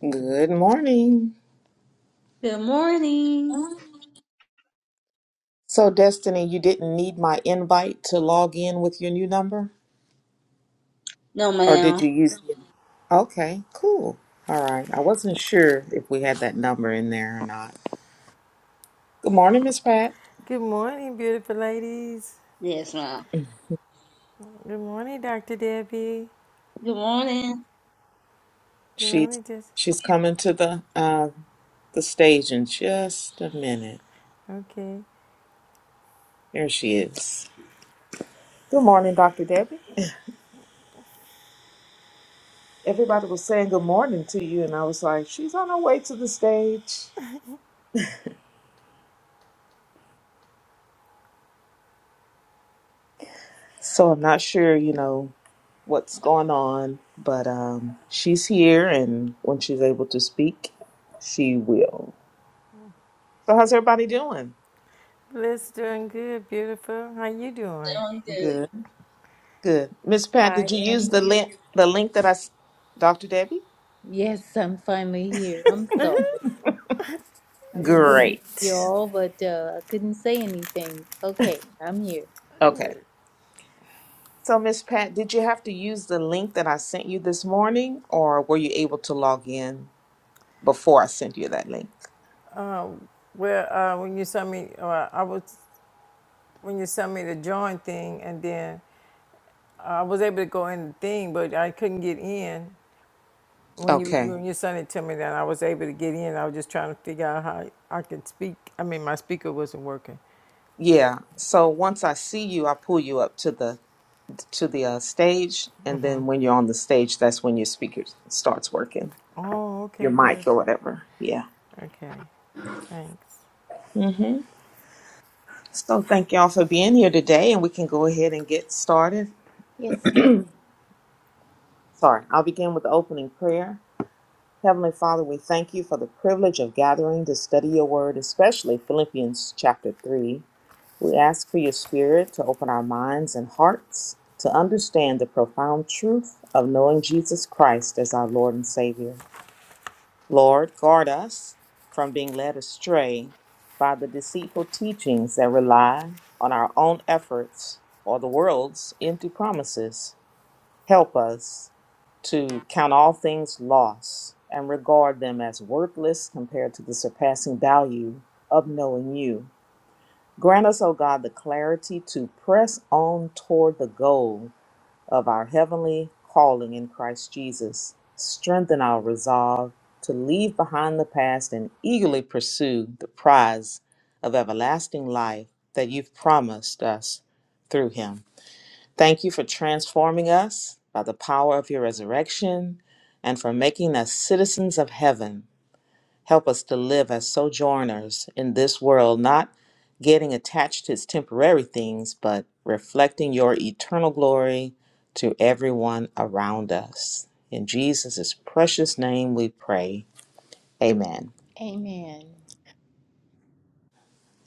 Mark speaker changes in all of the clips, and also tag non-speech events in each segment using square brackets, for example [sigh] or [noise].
Speaker 1: Good morning.
Speaker 2: Good morning.
Speaker 1: So, Destiny, you didn't need my invite to log in with your new number?
Speaker 2: No,
Speaker 1: Or did
Speaker 2: ma'am.
Speaker 1: you use it? Okay, cool. All right. I wasn't sure if we had that number in there or not. Good morning, Miss Pat.
Speaker 3: Good morning, beautiful ladies.
Speaker 2: Yes, ma'am.
Speaker 1: [clears throat]
Speaker 3: Good morning, Dr. Debbie.
Speaker 2: Good morning.
Speaker 3: Good
Speaker 1: She's
Speaker 3: morning, Jess.
Speaker 1: she's coming to the uh the stage in just a minute.
Speaker 3: Okay.
Speaker 1: There she is. Good morning, Dr. Debbie. Everybody was saying good morning to you and I was like, she's on her way to the stage. So I'm not sure, you know, what's going on, but um, she's here, and when she's able to speak, she will. So, how's everybody doing?
Speaker 3: Bliss doing good, beautiful. How you doing?
Speaker 2: Doing good.
Speaker 1: Good, good. Miss Pat,
Speaker 4: I
Speaker 1: did you use
Speaker 4: am
Speaker 1: the
Speaker 4: here.
Speaker 1: link? The link that I, s- Dr. Debbie.
Speaker 4: Yes, I'm finally here. I'm sorry. I
Speaker 3: You
Speaker 4: was
Speaker 3: good?
Speaker 4: looking at
Speaker 1: Great.
Speaker 4: y'all, but uh, I couldn't say anything. Okay, I'm here.
Speaker 1: Okay. So, Miss Pat, did you have to use the link that I sent you this morning, or were you able to log in before I sent you that link?
Speaker 3: Well, uh, when you sent me, uh, I was when you sent me the join thing, and then uh, I was able to go in the thing, but I couldn't get in. When you you-
Speaker 1: Okay.
Speaker 3: when you sent it to me, then I was able to get in. I was just trying to figure out how I could speak. I mean, my speaker wasn't working.
Speaker 1: Yeah. So once I see you, I pull you up to the to the uh, stage, and then when you're on the stage, that's when your speaker starts working,
Speaker 3: Oh,
Speaker 1: your
Speaker 3: okay,
Speaker 1: mic
Speaker 3: beautiful.
Speaker 1: or whatever. Yeah.
Speaker 3: Okay, thanks.
Speaker 1: hmm So thank y'all for being here today, and we can go ahead and get started.
Speaker 4: Yes, ma'am.
Speaker 1: Sorry, I'll begin with the opening prayer. Heavenly Father, we thank you for the privilege of gathering to study your word, especially Philippians chapter 3. We ask for your spirit to open our minds and hearts to understand the profound truth of knowing Jesus Christ as our Lord and Savior. Lord, guard us from being led astray by the deceitful teachings that rely on our own efforts or the world's empty promises. Help us to count all things loss and regard them as worthless compared to the surpassing value of knowing you. Grant us, O God, the clarity to press on toward the goal of our heavenly calling in Christ Jesus. Strengthen our resolve to leave behind the past and eagerly pursue the prize of everlasting life that you've promised us through him. Thank you for transforming us by the power of your resurrection and for making us citizens of heaven Help us to live as sojourners in this world, not getting attached to its temporary things, but reflecting your eternal glory to everyone around us. In Jesus' precious name we pray. Amen.
Speaker 4: Amen.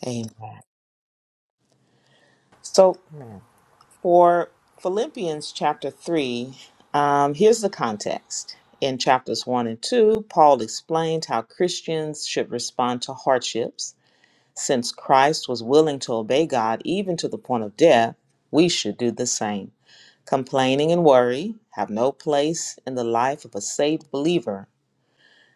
Speaker 1: Amen. So for Philippians chapter 3, um, here's the context. In chapters 1 and 2, Paul explained how Christians should respond to hardships Since Christ was willing to obey God even to the point of death, we should do the same. Complaining and worry have no place in the life of a saved believer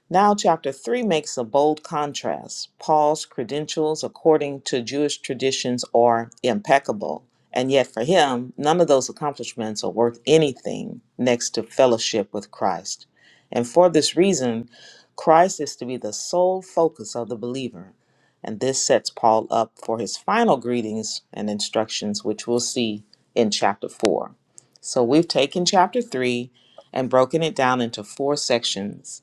Speaker 1: now, chapter 3 makes a bold contrast. Paul's credentials, according to Jewish traditions, are impeccable. And yet, for him, none of those accomplishments are worth anything next to fellowship with Christ. And for this reason, Christ is to be the sole focus of the believer. And this sets Paul up for his final greetings and instructions, which we'll see in chapter 4. So, we've taken chapter 3 and broken it down into four sections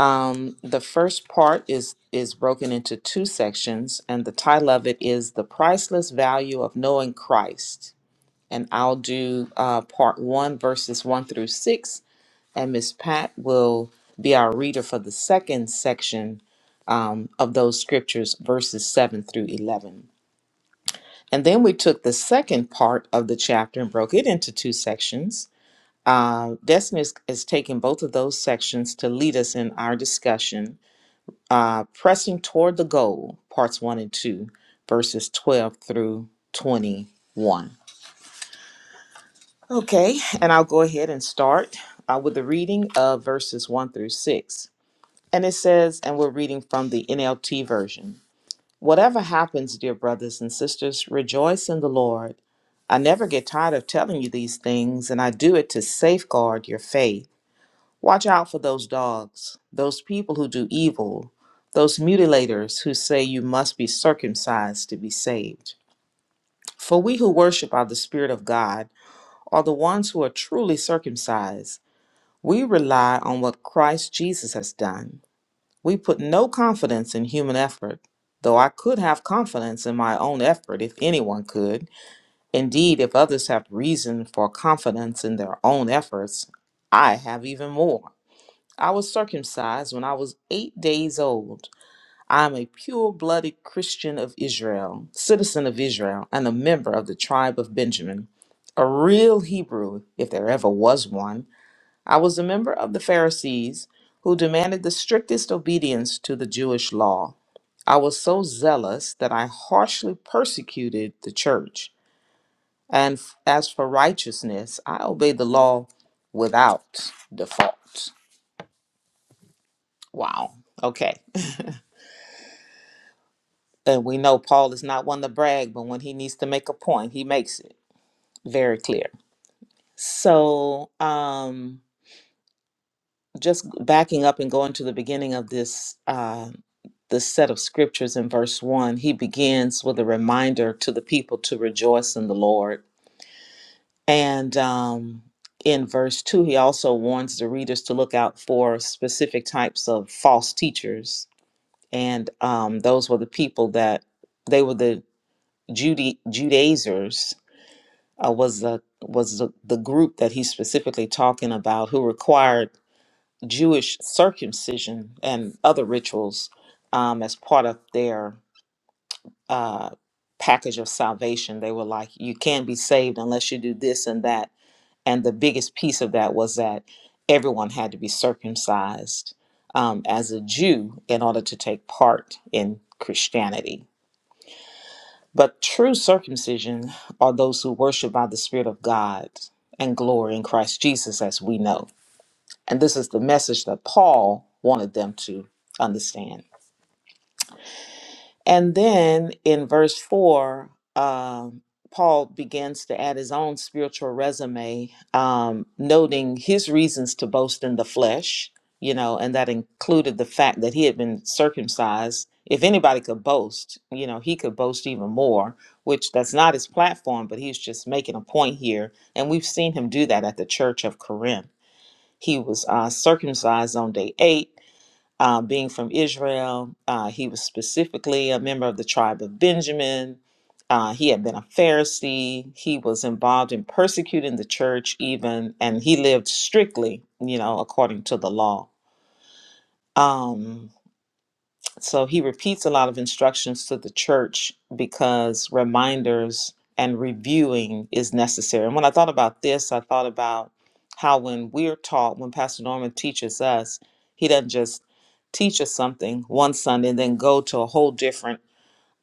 Speaker 1: um, the first part is is broken into two sections, and the title of it is "The Priceless Value of Knowing Christ." And I'll do uh, part one, verses one through six, and Miss Pat will be our reader for the second section um, of those scriptures, verses seven through eleven. And then we took the second part of the chapter and broke it into two sections. Uh, Destiny is, is taking both of those sections to lead us in our discussion uh, Pressing Toward the Goal, parts one and two, verses 12 through 21. Okay, and I'll go ahead and start uh, with the reading of verses one through six. And it says, and we're reading from the NLT version Whatever happens, dear brothers and sisters, rejoice in the Lord. I never get tired of telling you these things, and I do it to safeguard your faith. Watch out for those dogs, those people who do evil, those mutilators who say you must be circumcised to be saved. For we who worship by the Spirit of God are the ones who are truly circumcised. We rely on what Christ Jesus has done. We put no confidence in human effort, though I could have confidence in my own effort if anyone could. Indeed, if others have reason for confidence in their own efforts, I have even more. I was circumcised when I was eight days old. I am a pure blooded Christian of Israel, citizen of Israel, and a member of the tribe of Benjamin. A real Hebrew, if there ever was one. I was a member of the Pharisees, who demanded the strictest obedience to the Jewish law. I was so zealous that I harshly persecuted the church. And f- as for righteousness, I obeyed the law without default. Wow. Okay. And we know Paul is not one to brag, but when he needs to make a point, he makes it very clear. So, um, just backing up and going to the beginning of this uh, this set of scriptures in verse one, he begins with a reminder to the people to rejoice in the Lord, and um, in verse two, he also warns the readers to look out for specific types of false teachers, and um, those were the people that they were the Judy Judaizers uh, was the was the, the group that he's specifically talking about who required Jewish circumcision and other rituals um, as part of their uh, package of salvation. They were like, you can't be saved unless you do this and that. And the biggest piece of that was that everyone had to be circumcised um, as a Jew in order to take part in Christianity but true circumcision are those who worship by the Spirit of God and glory in Christ Jesus, as we know. And this is the message that Paul wanted them to understand. And then in verse 4, um, Paul begins to add his own spiritual resume, um, noting his reasons to boast in the flesh, you know, and that included the fact that he had been circumcised. If anybody could boast, you know, he could boast even more, which that's not his platform, but he's just making a point here. And we've seen him do that at the church of Corinth. He was uh, circumcised on day eight uh, being from Israel. Uh, he was specifically a member of the tribe of Benjamin. Uh, he had been a Pharisee. He was involved in persecuting the church, even, and he lived strictly, you know, according to the law. Um, so he repeats a lot of instructions to the church because reminders and reviewing is necessary. And when I thought about this, I thought about how when we're taught, when Pastor Norman teaches us, he doesn't just teach us something one Sunday and then go to a whole different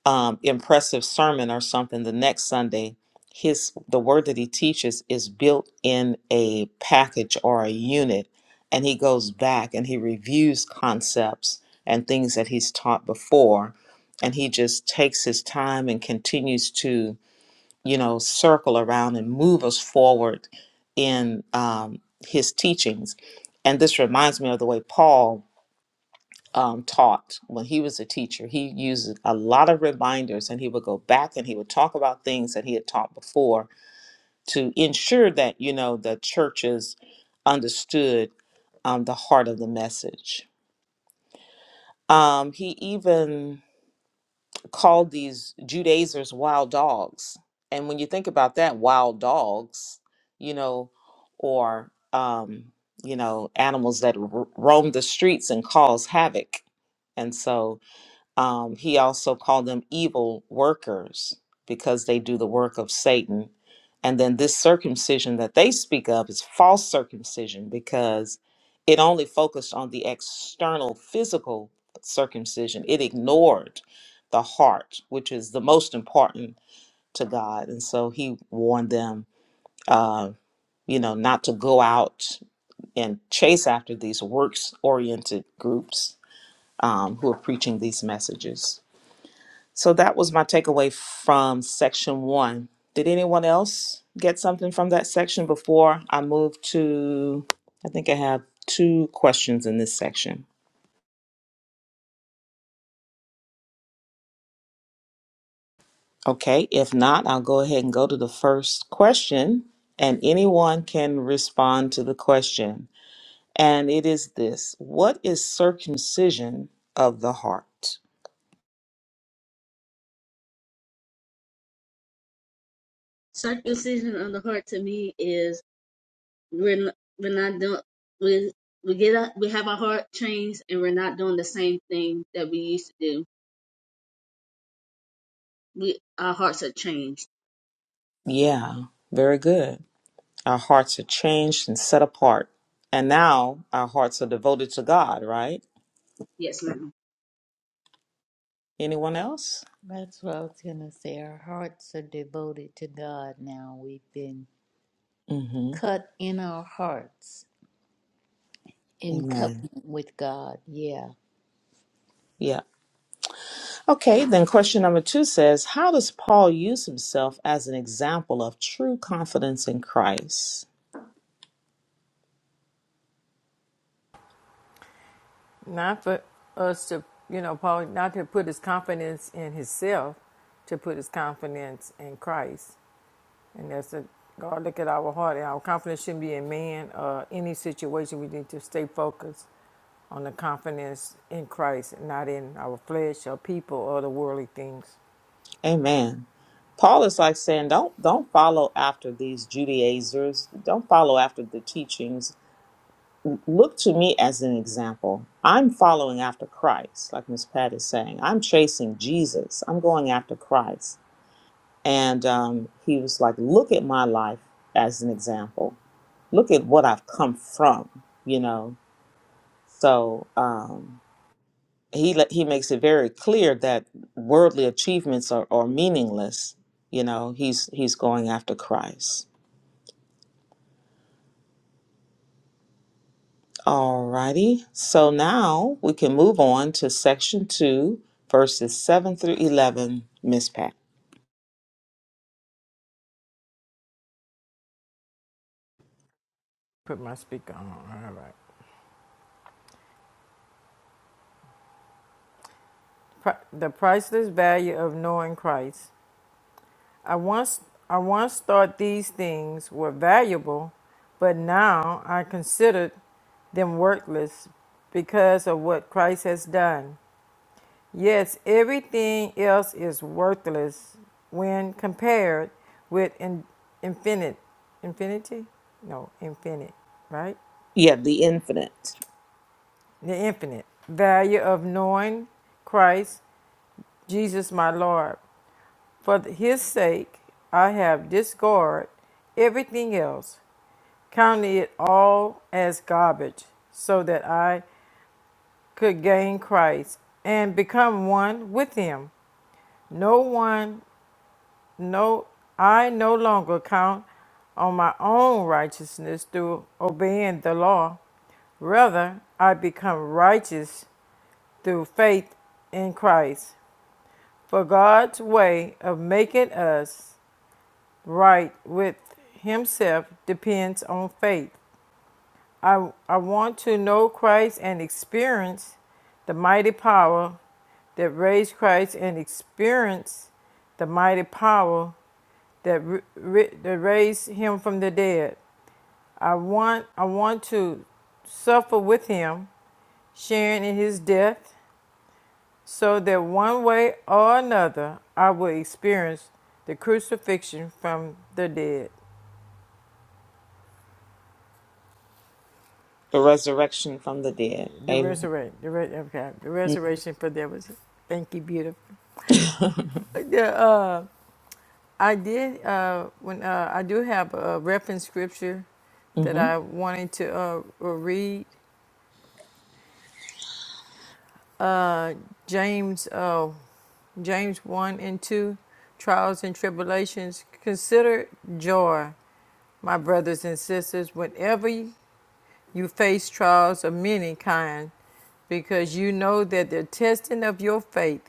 Speaker 1: um, impressive sermon or something the next Sunday, his the word that he teaches is built in a package or a unit, and he goes back and he reviews concepts and things that he's taught before, and he just takes his time and continues to you know circle around and move us forward in um, his teachings. And this reminds me of the way Paul um, taught when he was a teacher, he used a lot of reminders and he would go back and he would talk about things that he had taught before to ensure that, you know, the churches understood um, the heart of the message. Um, he even called these Judaizers wild dogs. And when you think about that, wild dogs, you know, or, um, you know, animals that ro- roam the streets and cause havoc. And so, Um, he also called them evil workers because they do the work of Satan. And then this circumcision that they speak of is false circumcision because it only focused on the external physical circumcision, it ignored the heart, which is the most important to God. And so he warned them. Uh, you know, not to go out and chase after these works oriented groups um, who are preaching these messages. So that was my takeaway from section one. Did anyone else get something from that section before I move to? I think I have two questions in this section. Okay, if not, I'll go ahead and go to the first question, and anyone can respond to the question. And it is this What is circumcision of the heart?
Speaker 2: Circumcision of the heart to me is we're not, we're not doing we we get up we have our heart changed and we're not doing the same thing that we used to do. We our hearts are changed.
Speaker 1: Yeah, very good. Our hearts are changed and set apart. And now our hearts are devoted to God, right?
Speaker 2: Yes, ma'am.
Speaker 1: Anyone else?
Speaker 4: That's what I was going to say. Our hearts are devoted to God now. We've been
Speaker 1: hmm
Speaker 4: cut in our hearts in
Speaker 1: Amen.
Speaker 4: covenant with God. Yeah.
Speaker 1: Yeah. Okay, then question number two says How does Paul use himself as an example of true confidence in Christ?
Speaker 3: Not for us to, you know, Paul, not to put his confidence in himself, to put his confidence in Christ. And that's a God look at our heart. And our confidence shouldn't be in man or any situation. We need to stay focused on the confidence in Christ, not in our flesh or people or the worldly things.
Speaker 1: Amen. Paul is like saying, Don't don't follow after these Judaizers, don't follow after the teachings. Look to me as an example. I'm following after Christ, like Miss Pat is saying. I'm chasing Jesus. I'm going after Christ. And um, he was like, Look at my life as an example look at what I've come from, you know. So um, he let- he makes it very clear that worldly achievements are, are meaningless. You know, he's he's going after Christ. Alrighty. So now we can move on to section two, verses seven through eleven. Miss Pat.
Speaker 3: Put my speaker on. All right. The priceless value of knowing Christ. I once I once thought these things were valuable, but now I consider them worthless because of what Christ has done. Yes, everything else is worthless when compared with in, infinite infinity? No, infinite, right?
Speaker 1: Yeah, the infinite,
Speaker 3: The infinite value of knowing Christ, Jesus my Lord. For his sake I have discarded everything else counting it all as garbage, so that I could gain Christ and become one with him. No one, no, I no longer count on my own righteousness through obeying the law. Rather, I become righteous through faith in Christ. For God's way of making us right with Himself depends on faith. I, I want to know Christ and experience the mighty power that raised Christ and experience the mighty power that, that raised him from the dead. I want, I want to suffer with him, sharing in his death, so that one way or another I will experience the crucifixion from the dead,
Speaker 1: the resurrection from the dead.
Speaker 3: the
Speaker 1: Amen.
Speaker 3: resurrection, the, re- okay, the resurrection for that was. Thank you, beautiful.
Speaker 1: [laughs]
Speaker 3: The, uh, I did uh, when uh, I do have a reference scripture that
Speaker 1: hmm
Speaker 3: I wanted to uh, read. Uh, James, uh, James one and two, trials and tribulations. Consider joy, my brothers and sisters, whenever You face trials of many kind because you know that the testing of your faith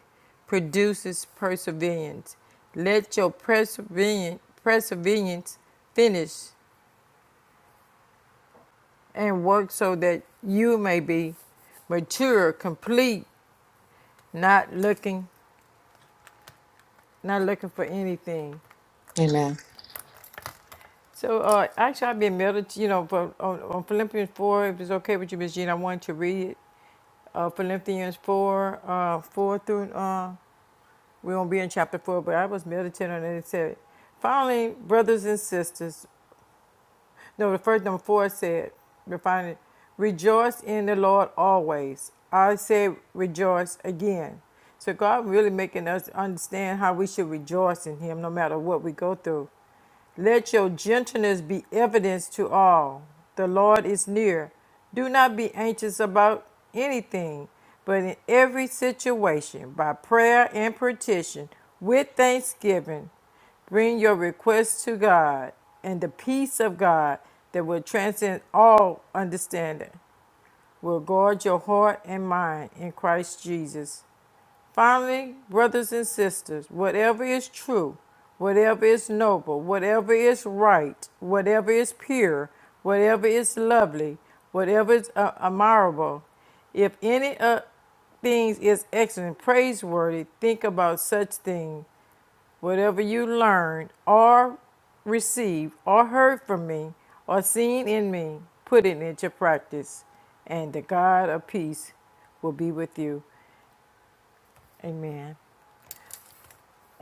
Speaker 3: produces perseverance. Let your perseverance, perseverance finish and work so that you may be mature, complete, not looking, not looking for anything.
Speaker 1: Amen.
Speaker 3: So uh, actually, I've been meditating, you know, for, on, on Philippians 4, if it's okay with you, Miss Jean, I wanted to read it. Uh, Philippians 4, uh, 4 through uh, We won't be in chapter four, but I was meditating on it. It said, Finally, brothers and sisters, no, the first number four said, refining, rejoice in the Lord always. I said rejoice again. So God really making us understand how we should rejoice in Him no matter what we go through. Let your gentleness be evidence to all. The Lord is near. Do not be anxious about anything, but in every situation, by prayer and petition, with thanksgiving, Bring your requests to God, and the peace of God that will transcend all understanding will guard your heart and mind in Christ Jesus. Finally, brothers and sisters, whatever is true, whatever is noble, whatever is right, whatever is pure, whatever is lovely, whatever is uh, admirable, if any uh, things is excellent, praiseworthy, think about such things. Whatever you learned or received or heard from me or seen in me, put it into practice, and the God of peace will be with you. Amen.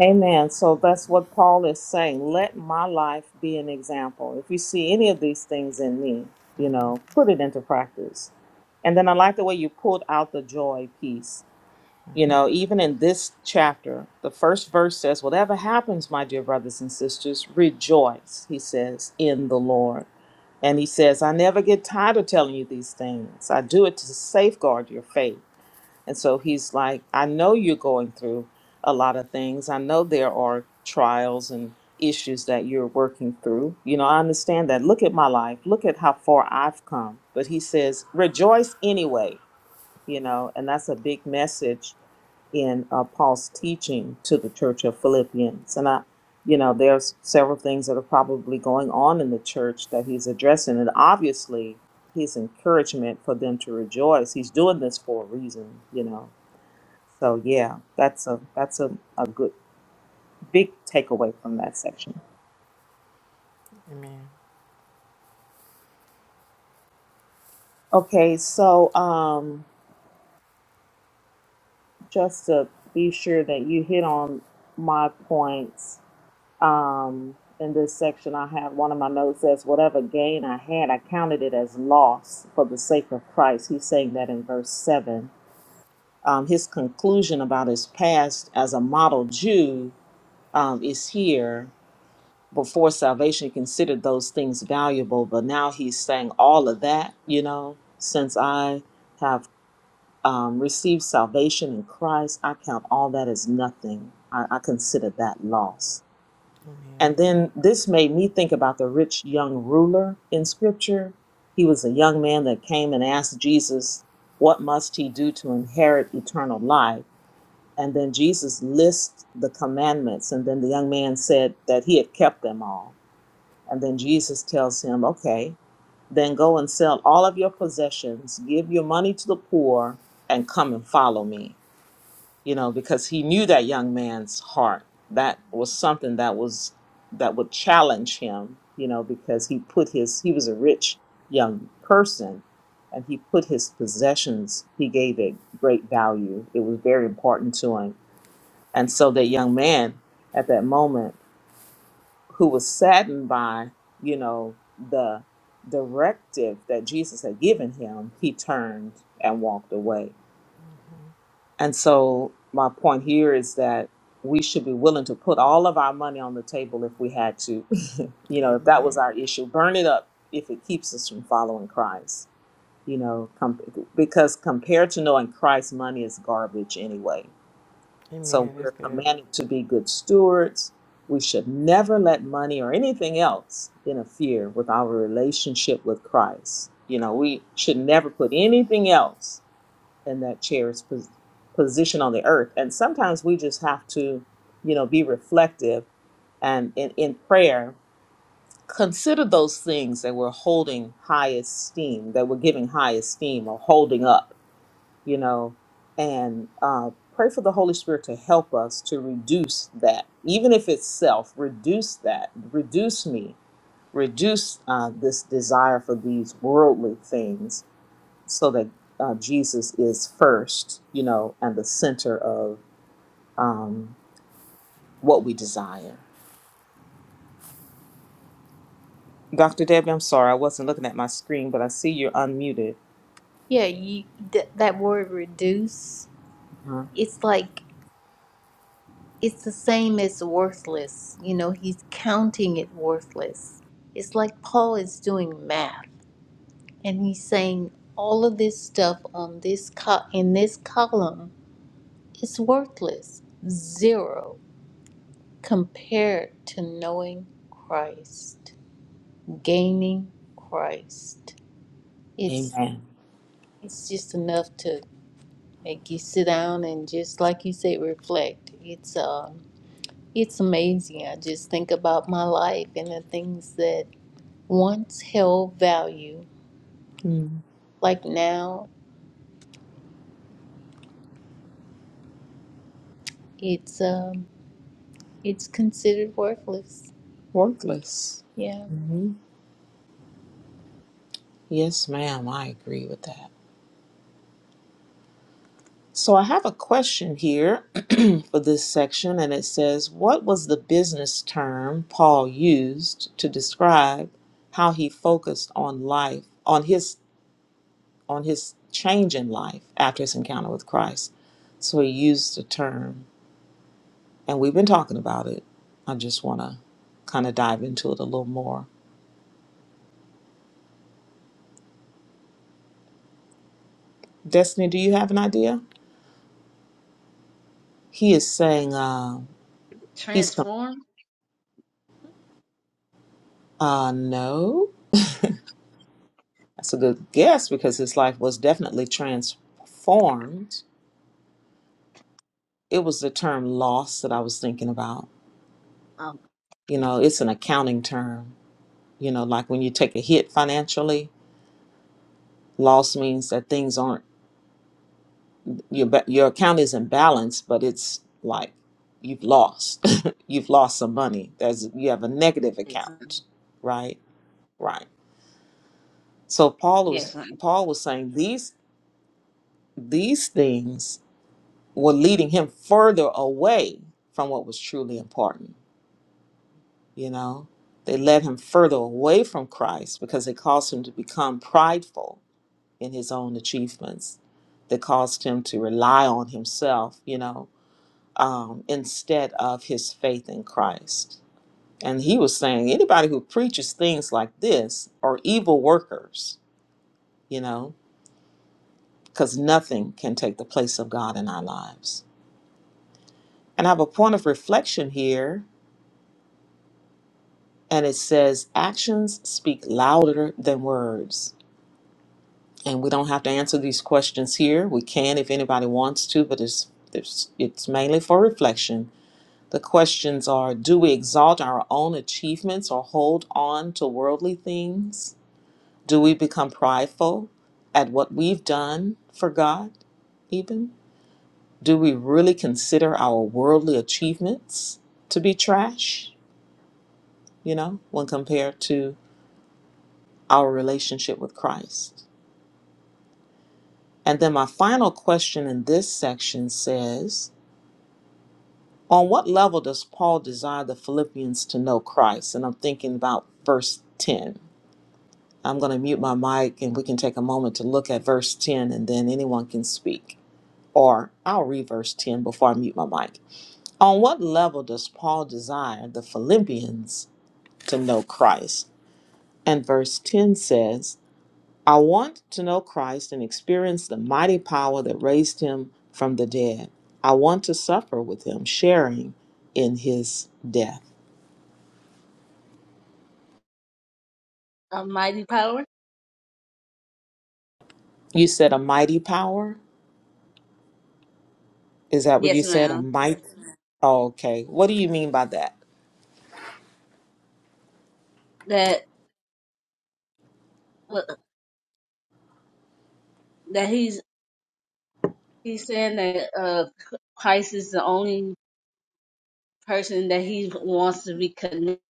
Speaker 1: Amen. So that's what Paul is saying. Let my life be an example. If you see any of these things in me, you know, put it into practice. And then I like the way you pulled out the joy piece. You know, even in this chapter, the first verse says, Whatever happens, my dear brothers and sisters, rejoice, he says, in the Lord. And he says, I never get tired of telling you these things. I do it to safeguard your faith. And so he's like, I know you're going through a lot of things. I know there are trials and issues that you're working through. You know, I understand that. Look at my life. Look at how far I've come. But he says, rejoice anyway, you know, and that's a big message in uh, Paul's teaching to the church of Philippians. And I, you know, there's several things that are probably going on in the church that he's addressing. And obviously, his encouragement for them to rejoice, he's doing this for a reason, you know so yeah, that's a that's a, a good big takeaway from that section.
Speaker 3: Amen.
Speaker 1: Okay, so um just to be sure that you hit on my points um in this section I have one of my notes says whatever gain I had I counted it as loss for the sake of Christ. He's saying that in verse 7. Um his conclusion about his past as a model Jew um is here before salvation he considered those things valuable but now he's saying all of that you know since i have um, received salvation in christ i count all that as nothing I, I consider that loss
Speaker 3: Amen.
Speaker 1: and then this made me think about the rich young ruler in scripture he was a young man that came and asked jesus what must he do to inherit eternal life and then jesus lists the commandments and then the young man said that he had kept them all and then Jesus tells him, Okay, then go and sell all of your possessions, give your money to the poor, and come and follow me. You know, because he knew that young man's heart. That was something that was that would challenge him, you know, because he put his he was a rich young person and he put his possessions, he gave it great value. It was very important to him. And so that young man at that moment who was saddened by, you know, the directive that Jesus had given him, he turned and walked away. And so my point here is that we should be willing to put all of our money on the table if we had to, [laughs] you know, if that was
Speaker 3: Amen.
Speaker 1: our issue, burn it up if it keeps us from following Christ, you know, com- because compared to knowing Christ, money is garbage anyway so
Speaker 3: Amen.
Speaker 1: we're
Speaker 3: That's good.
Speaker 1: commanded to be good stewards. We should never let money or anything else interfere with our relationship with Christ. You know, we should never put anything else in that chair's pos- position on the earth. And sometimes we just have to, you know, be reflective and in, in prayer, consider those things that we're holding high esteem, that we're giving high esteem or holding up you know, and uh, pray for the Holy Spirit to help us to reduce that, even if it's self, reduce that, reduce me, reduce uh, this desire for these worldly things so that uh, Jesus is first, you know, and the center of um, what we desire. Dr. Debbie, I'm sorry, I wasn't looking at my screen, but I see you're unmuted.
Speaker 4: Yeah, you, th- that word reduce,
Speaker 1: Uh-huh.
Speaker 4: it's like it's the same as worthless. You know, he's counting it worthless. It's like Paul is doing math and he's saying all of this stuff on this co- in this column is worthless. Zero compared to knowing Christ, gaining Christ. It's
Speaker 1: Amen.
Speaker 4: it's just enough to make you sit down and just like you say reflect. It's um It's amazing. I just think about my life and the things that once held value.
Speaker 1: Hmm.
Speaker 4: Like now, it's um, it's considered worthless.
Speaker 1: Worthless.
Speaker 4: Yeah.
Speaker 1: hmm Yes, ma'am, I agree with that. So I have a question here [clears throat] for this section, and it says, What was the business term Paul used to describe how he focused on life, on his on his change in life after his encounter with Christ? So he used the term, and we've been talking about it. I just want to kind of dive into it a little more. Destiny, do you have an idea? He is saying uh, he's com-
Speaker 2: Transformed.
Speaker 1: uh, no. That's a good guess because his life was definitely transformed. It was the term loss that I was thinking about.
Speaker 2: Oh,
Speaker 1: You know, it's an accounting term. You know, like when you take a hit financially, loss means that things aren't your ba- your account isn't balanced, but it's like you've lost. [laughs] you've lost some money. There's you have a negative
Speaker 2: yes, ma'am.
Speaker 1: account, right? Right. So Paul was
Speaker 2: Yes, ma'am.
Speaker 1: Paul was saying these these things were leading him further away from what was truly important. You know, they led him further away from Christ because they caused him to become prideful in his own achievements. They caused him to rely on himself, you know, um, instead of his faith in Christ. And he was saying anybody who preaches things like this are evil workers, you know, because nothing can take the place of God in our lives. And I have a point of reflection here and it says actions speak louder than words and we don't have to answer these questions here we can if anybody wants to but it's it's, it's mainly for reflection the questions are do we exalt our own achievements or hold on to worldly things do we become prideful at what we've done for god even do we really consider our worldly achievements to be trash you know when compared to our relationship with Christ. And then my final question in this section says, on what level does Paul desire the Philippians to know Christ? And I'm thinking about verse 10. I'm going to mute my mic and we can take a moment to look at verse 10 and then anyone can speak. Or I'll read verse 10 before I mute my mic. On what level does Paul desire the Philippians to know Christ? And verse 10 says, I want to know Christ and experience the mighty power that raised him from the dead. I want to suffer with him, sharing in his death.
Speaker 2: A mighty power.
Speaker 1: You said a mighty power? Is that what you
Speaker 2: Yes,
Speaker 1: said? A
Speaker 2: ma'am.
Speaker 1: mighty? Oh, okay. What do you mean by that?
Speaker 2: That that he's he's saying that uh Christ is the only person that he wants to be connected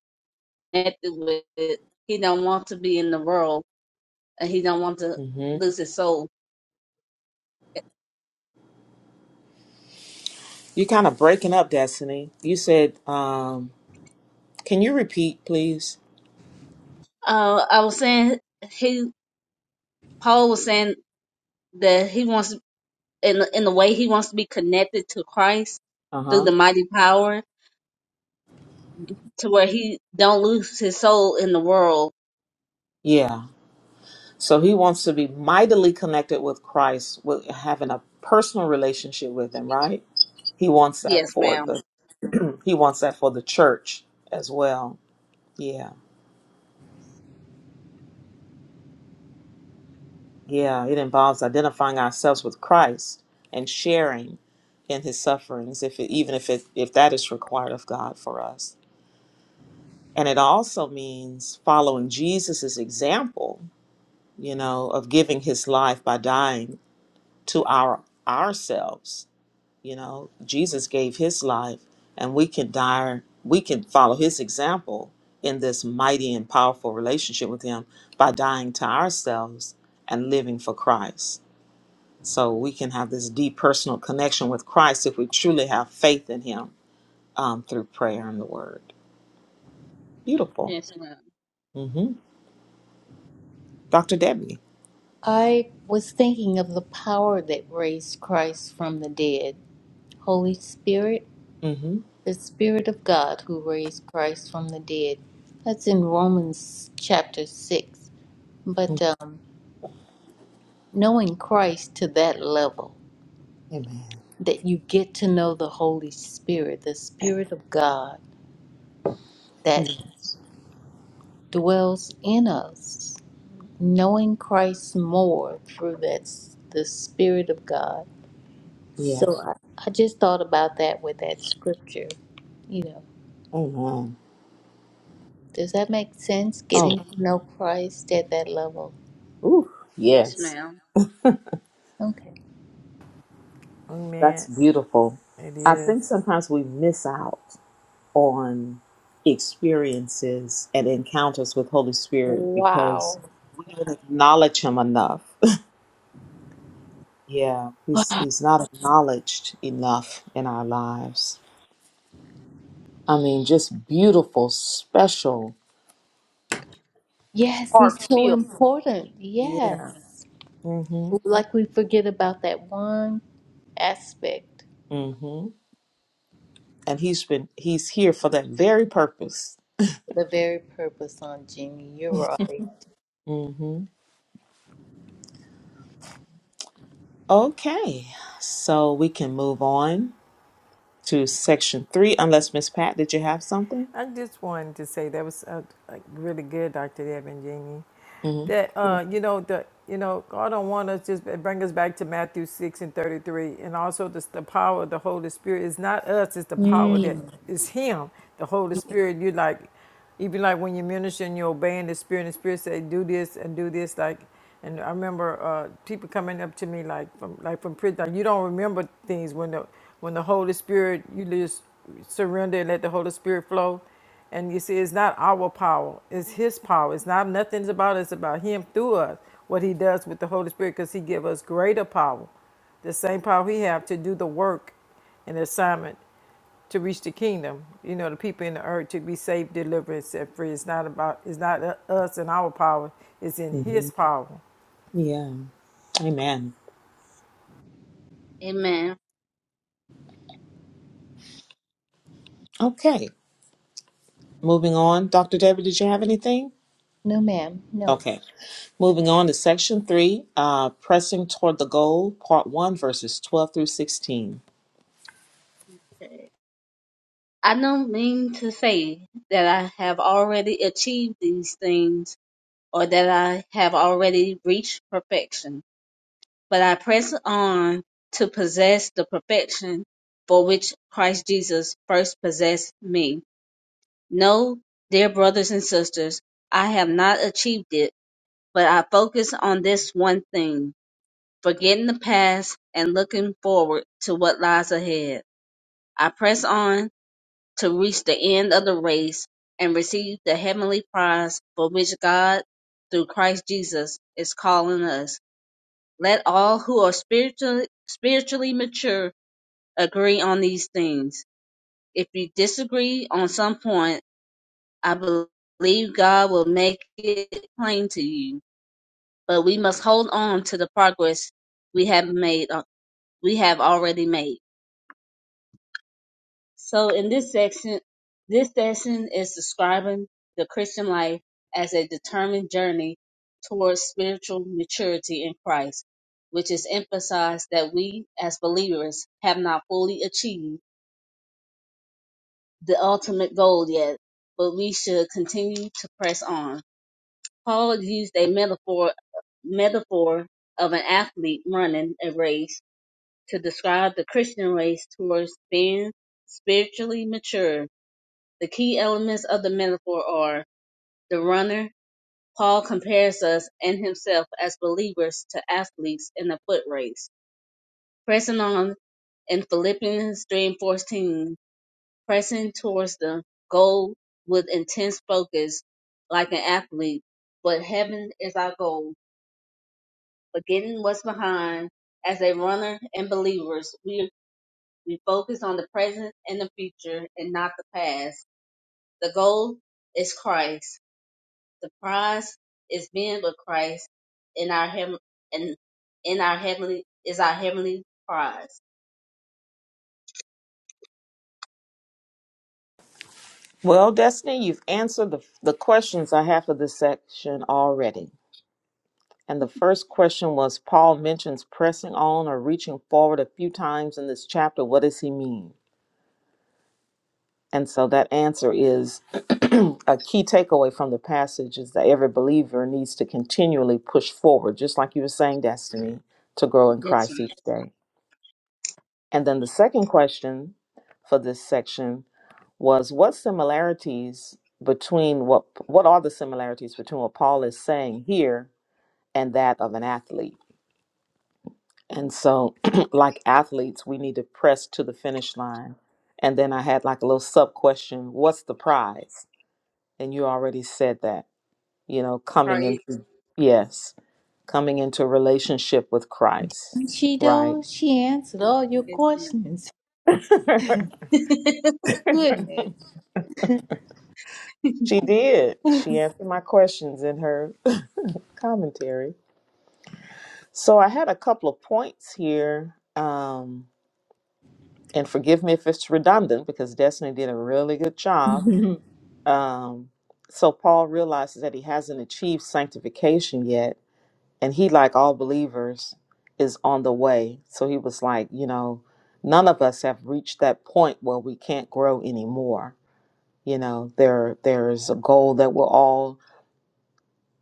Speaker 2: with. He don't want to be in the world, and he don't want to
Speaker 1: hmm
Speaker 2: lose his soul.
Speaker 1: You're kind of breaking up, Destiny. You said, um, can you repeat, please?
Speaker 2: Uh, I was saying he Paul was saying that he wants in in the way he wants to be connected to Christ
Speaker 1: Uh
Speaker 2: through
Speaker 1: huh.
Speaker 2: the mighty power to where he don't lose his soul in the world.
Speaker 1: Yeah. So he wants to be mightily connected with Christ, with having a personal relationship with him, right? He wants that
Speaker 2: Yes,
Speaker 1: for the
Speaker 2: ma'am.
Speaker 1: [clears throat] he wants that for the church as well. Yeah. Yeah. It involves identifying ourselves with Christ and sharing in his sufferings, if it, even if it if that is required of God for us. And it also means following Jesus's example, you know, of giving his life by dying to our ourselves You know, Jesus gave his life and we can dire we can follow his example in this mighty and powerful relationship with him by dying to ourselves and living for Christ. So we can have this deep personal connection with Christ if we truly have faith in him um, through prayer and the word. Beautiful.
Speaker 2: Yes, ma'am.
Speaker 1: hmm Dr. Debbie.
Speaker 4: I was thinking of the power that raised Christ from the dead. Holy Spirit,
Speaker 1: hmm
Speaker 4: the Spirit of God who raised Christ from the dead. That's in Romans chapter 6. But um, knowing Christ to that level.
Speaker 1: Amen.
Speaker 4: that you get to know the Holy Spirit, the Spirit of God that dwells in us. Knowing Christ more through that s- the Spirit of God.
Speaker 1: Yeah.
Speaker 4: So I, I just thought about that with that scripture. You know,
Speaker 1: Amen.
Speaker 4: does that make sense?
Speaker 1: Oh,
Speaker 4: Getting to know Christ at that level.
Speaker 1: ooh,
Speaker 2: Yes,
Speaker 1: yes.
Speaker 2: ma'am.
Speaker 4: Okay.
Speaker 3: Amen.
Speaker 1: That's beautiful.
Speaker 3: It
Speaker 1: I think
Speaker 3: is.
Speaker 1: sometimes we miss out. on experiences and encounters with Holy Spirit because
Speaker 4: Wow.
Speaker 1: we don't acknowledge him enough. [laughs] Yeah, he's he's not acknowledged enough in our lives. I mean, just beautiful, special,
Speaker 4: Yes, he's so
Speaker 1: heartfelt.
Speaker 4: important.
Speaker 1: Yeah.
Speaker 4: Yes.
Speaker 1: Mhm.
Speaker 4: Like we forget about that one aspect.
Speaker 1: Mhm. And he's been he's here for that very purpose.
Speaker 4: the very purpose on Jimmy. You're right.
Speaker 1: Mhm. Okay. So we can move on to section 3 unless Miss Pat did you have something?
Speaker 3: I just wanted to say that was uh, like really good, Dr. Deb and Jeannie.
Speaker 1: Mhm.
Speaker 3: That uh, you know the you know God don't want us just bring us back to Matthew six and thirty three, and also the, the power of the Holy Spirit is not us; it's the power that
Speaker 4: Mm.
Speaker 3: is Him, the Holy Spirit. You like. Even like when you minister and you're obeying the Spirit, and the Spirit say, "Do this and do this." Like, and I remember uh, people coming up to me like from like from prison. Like, you don't remember things when the when the Holy Spirit you just surrender and let the Holy Spirit flow. And you see, it's not our power; it's His power. It's not nothing's about us; it's about Him through us. What He does with the Holy Spirit, because He give us greater power, the same power He have to do the work and the assignment to reach the kingdom. You know, the people in the earth to be saved, delivered, and set free. It's not about, it's not us and our power. It's in His
Speaker 1: Mhm.
Speaker 3: power.
Speaker 1: Yeah. Amen.
Speaker 2: Amen.
Speaker 1: Okay, moving on. Dr. Debbie, did you have anything?
Speaker 4: No, ma'am. No.
Speaker 1: Okay, moving on to section three, uh, pressing toward the goal, part one, verses 12 through 16.
Speaker 2: I don't mean to say that I have already achieved these things or that I have already reached perfection, but I press on to possess the perfection for which Christ Jesus first possessed me. No, dear brothers and sisters, I have not achieved it, but I focus on this one thing, forgetting the past and looking forward to what lies ahead. I press on to reach the end of the race and receive the heavenly prize for which God, through Christ Jesus, is calling us. Let all who are spiritually spiritually mature agree on these things. If you disagree on some point, I believe God will make it plain to you. But we must hold on to the progress we have made uh, we have already made. So in this section, this section is describing the Christian life as a determined journey towards spiritual maturity in Christ, which is emphasized that we as believers have not fully achieved the ultimate goal yet, but we should continue to press on. Paul used a metaphor metaphor of an athlete running a race to describe the Christian race towards being spiritually mature The key elements of the metaphor are the runner. Paul compares us and himself as believers to athletes in a foot race, pressing on in Philippians 3 and 14, pressing towards the goal with intense focus like an athlete. But heaven is our goal. Forgetting what's behind, as a runner and believers, we, we focus on the present and the future and not the past. The goal is Christ The prize is being with Christ in our heaven and in our heavenly is our heavenly prize.
Speaker 1: Well, Destiny, you've answered the, the questions I have for this section already. And the first question was Paul mentions pressing on or reaching forward a few times in this chapter. What does he mean? And so that answer is [clears throat] a key takeaway from the passage is that every believer needs to continually push forward, just like you were saying, Destiny, to grow in
Speaker 2: Yes,
Speaker 1: Christ each day. And then the second question for this section was what similarities between what what are the similarities between what Paul is saying here and that of an athlete? And so [clears throat] like athletes, we need to press to the finish line. And then I had like a little sub question, what's the prize? And you already said that, you know,
Speaker 2: right.
Speaker 1: coming
Speaker 2: Praise.
Speaker 1: into, yes, coming into a relationship with Christ,
Speaker 4: She
Speaker 1: right?
Speaker 4: does. She answered all your
Speaker 2: Yes, ma'am.
Speaker 4: questions.
Speaker 1: [laughs]
Speaker 2: [laughs]
Speaker 4: Goodness.
Speaker 1: She
Speaker 2: Thank
Speaker 1: did.
Speaker 4: [laughs] I
Speaker 1: She answered my questions in her [laughs] commentary. So I had a couple of points here. Um, and forgive me if it's redundant because Destiny did a really good job. Um, so Paul realizes that he hasn't achieved sanctification yet and he like all believers is on the way so he was like you know none of us have reached that point where we can't grow anymore you know there there's a goal that we're all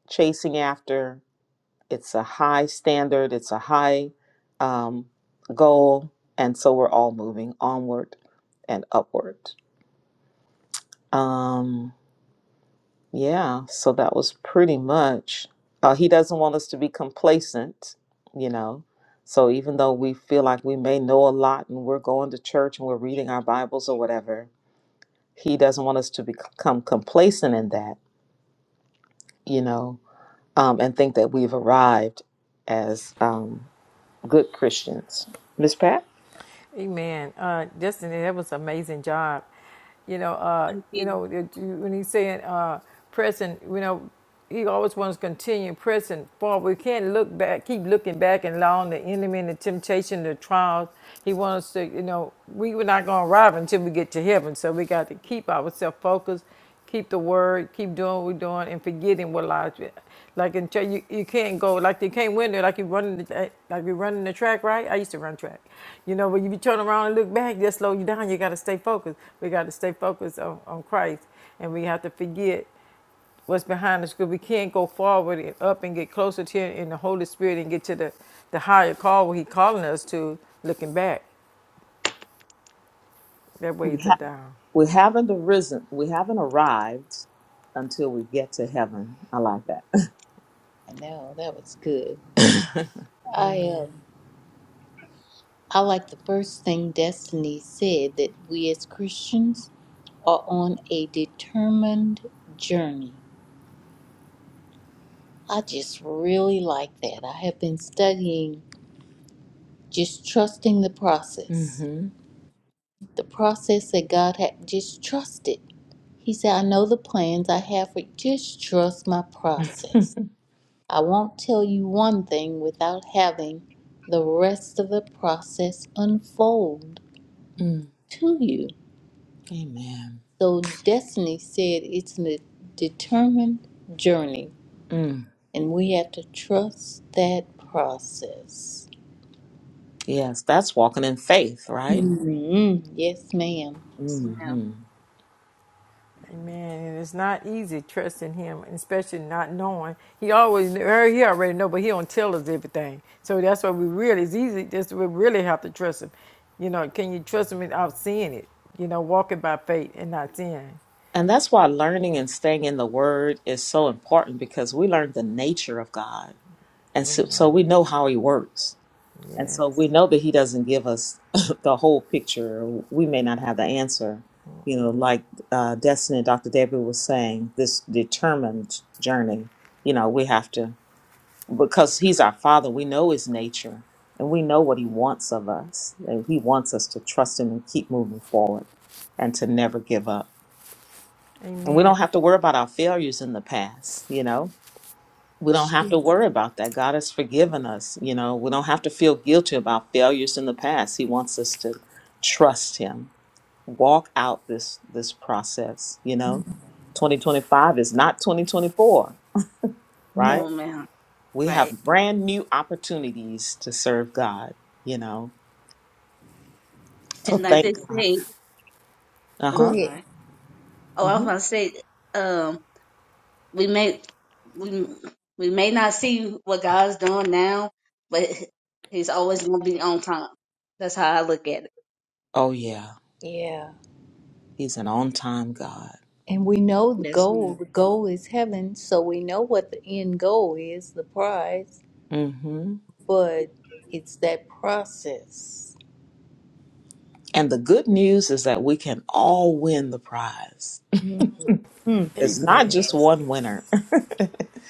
Speaker 1: chasing after it's a high standard it's a high um, goal and so we're all moving onward and upward um Yeah, so that was pretty much. Uh, he doesn't want us to be complacent, you know. So even though we feel like we may know a lot and we're going to church and we're reading our Bibles or whatever, he doesn't want us to become complacent in that, you know, um, and think that we've arrived as um, good Christians. Miss Pat,
Speaker 3: Amen. Uh, Justin, that was an amazing job. You know, uh, you
Speaker 2: you.
Speaker 3: know it- when he's saying uh, pressing, you know, he always wants to continue pressing forward. We can't look back, keep looking back and allowing the enemy and the temptation, the trials. He wants to, you know, we were not going to arrive until we get to heaven. So we got to keep ourselves focused, keep the word, keep doing what we're doing, and forgetting what lies. Like in tra- you, you can't go like you can't win there like you running the, eh, like you running the track right. I used to run track, you know. when you be turn around and look back, that slow you down. You got to stay focused. We got to stay focused on, on Christ, and we have to forget what's behind us because we can't go forward and up and get closer to Him in the Holy Spirit and get to the the higher call where He calling us to. Looking back, that
Speaker 1: we
Speaker 3: weighs it
Speaker 1: ha-
Speaker 3: down.
Speaker 1: we haven't arisen, we haven't arrived until we get to heaven. I like that.
Speaker 4: know that was good. I
Speaker 3: Amen.
Speaker 4: um, I like the first thing Destiny said that we as Christians are on a determined journey. I just really like that. I have been studying just trusting the process
Speaker 1: [laughs]
Speaker 4: the process that God had just trust it. He said, I know the plans I have for you. Just trust my process. I won't tell you one thing without having the rest of the process unfold
Speaker 1: hmm
Speaker 4: to you.
Speaker 1: Amen.
Speaker 4: So destiny said it's a determined journey
Speaker 1: Mm,
Speaker 4: and we have to trust that process.
Speaker 1: yes, that's walking in faith, right?
Speaker 4: Mhm. Yes, ma'am.
Speaker 2: Yes, ma'am.
Speaker 1: hmm
Speaker 3: Amen. And it's not easy trusting him, especially not knowing. He always well, he already know, but he don't tell us everything. So that's why we really it's easy. That's we really have to trust him. You know, can you trust him without seeing it? You know, walking by faith and not seeing.
Speaker 1: And that's why learning and staying in the Word is so important because we learn the nature of God. And so,
Speaker 3: Amen.
Speaker 1: so we know how He works. And so
Speaker 3: Yes.
Speaker 1: we know that He doesn't give us [laughs] the whole picture. We may not have the answer. You know, like uh, Destiny, Dr. David was saying, this determined journey, you know, we have to. because he's our father we know his nature and we know what he wants of us and he wants us to trust him and keep moving forward and to never give up and we
Speaker 3: Amen.
Speaker 1: don't have to worry about our failures in the past you know we don't have to worry about that god has forgiven us you know we don't have to feel guilty about failures in the past he wants us to trust him walk out this this process you know 2025 is not 2024
Speaker 4: No.
Speaker 1: right
Speaker 2: No, ma'am.
Speaker 1: We
Speaker 2: Right.
Speaker 1: have brand new opportunities to serve God, you know. So
Speaker 2: And like they
Speaker 1: thank God.
Speaker 2: say,
Speaker 1: Uh
Speaker 2: oh,
Speaker 4: Go
Speaker 2: I'm
Speaker 1: huh.
Speaker 4: ahead.
Speaker 2: sorry. Oh, I was
Speaker 1: hmm
Speaker 2: about to say, um, we may we we may not see what God's doing now, but He's always gonna be on time. That's how I look at it.
Speaker 1: Oh, yeah.
Speaker 4: Yeah.
Speaker 1: He's an on time God.
Speaker 4: And we know the
Speaker 2: Yes,
Speaker 4: goal.
Speaker 2: ma'am.
Speaker 4: The goal is heaven, so we know what the end goal is, the prize,
Speaker 1: hmm
Speaker 4: but it's that process.
Speaker 1: And the good news is that we can all win the prize.
Speaker 4: Mm.
Speaker 1: It's not
Speaker 3: Amen.
Speaker 1: just
Speaker 2: Yes.
Speaker 1: one winner.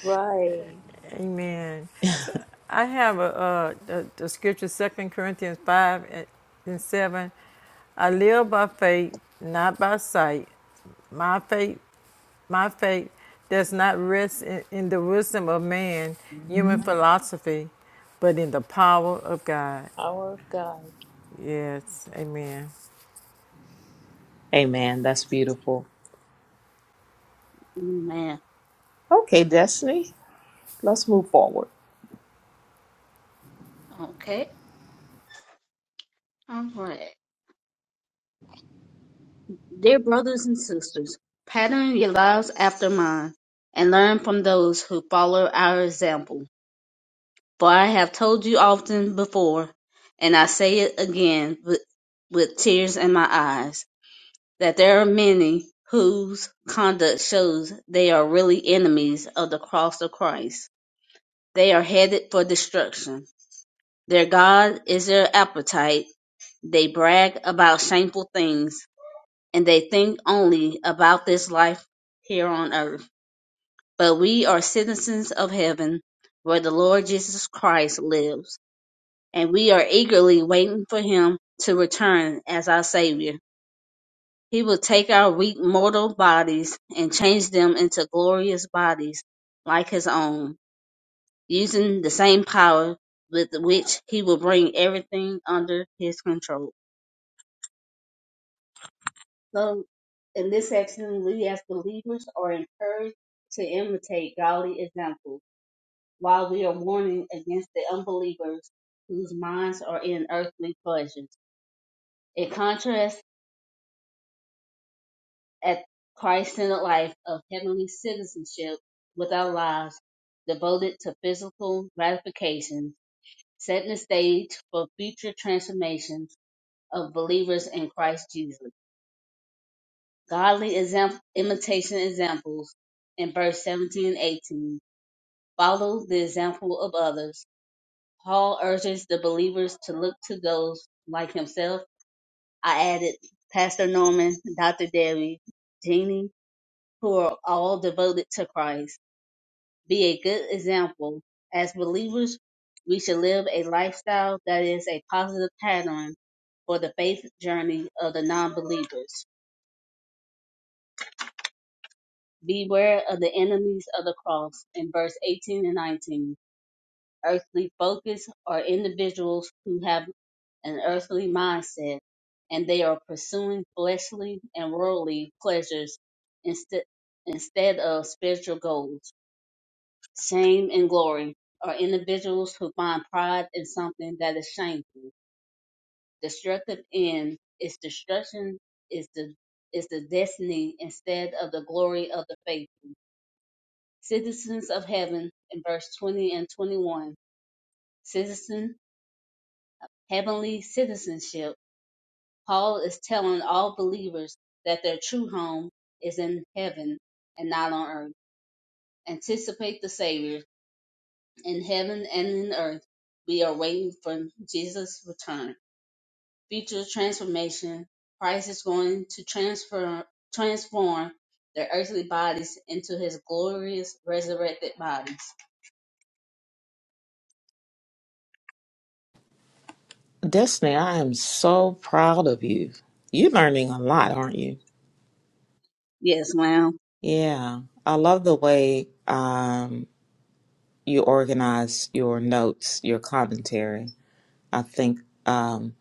Speaker 4: Right.
Speaker 3: Amen. So I have a, uh, the, the scripture, Second Corinthians 5 and 7. I live by faith, not by sight. My faith My faith does not rest in, in the wisdom of man, human
Speaker 4: hmm
Speaker 3: philosophy, but in the power of God.
Speaker 4: Power of God.
Speaker 3: Yes, amen.
Speaker 1: [laughs] Amen. That's beautiful.
Speaker 2: man.
Speaker 1: Okay, Destiny, let's move forward.
Speaker 2: Okay. Dear brothers and sisters, pattern your lives after mine, and learn from those who follow our example. For I have told you often before, and I say it again with, with tears in my eyes, that there are many whose conduct shows they are really enemies of the cross of Christ. They are headed for destruction. Their God is their appetite. They brag about shameful things and they think only about this life here on earth. But we are citizens of heaven, where the Lord Jesus Christ lives, and we are eagerly waiting for him to return as our Savior. He will take our weak mortal bodies and change them into glorious bodies like his own, using the same power with which he will bring everything under his control. So in this section, we as believers are encouraged to imitate godly examples, while we are warning against the unbelievers whose minds are in earthly pleasures. In contrast, at Christ-centered life of heavenly citizenship with our lives devoted to physical gratification, setting the stage for future transformations of believers in Christ Jesus. Godly exam- imitation examples in verse 17 and 18 follow the example of others. Paul urges the believers to look to those like himself. I added Pastor Norman, Dr. Debbie, Jeannie, who are all devoted to Christ. Be a good example. As believers, we should live a lifestyle that is a positive pattern for the faith journey of the non believers. Beware of the enemies of the cross in verse 18 and 19. Earthly focus are individuals who have an earthly mindset and they are pursuing fleshly and worldly pleasures instead, instead of spiritual goals. Shame and glory are individuals who find pride in something that is shameful. Destructive end is destruction is the is the destiny instead of the glory of the faithful citizens of heaven in verse 20 and 21 citizen heavenly citizenship paul is telling all believers that their true home is in heaven and not on earth anticipate the savior in heaven and in earth we are waiting for jesus return future transformation christ is going to transfer transform their earthly bodies into his glorious resurrected bodies
Speaker 1: Destiny, I am so proud of you. You're learning a lot, aren't you?
Speaker 2: yes ma'am
Speaker 1: Yeah. I love the way um, you organize your notes, your commentary. I think um,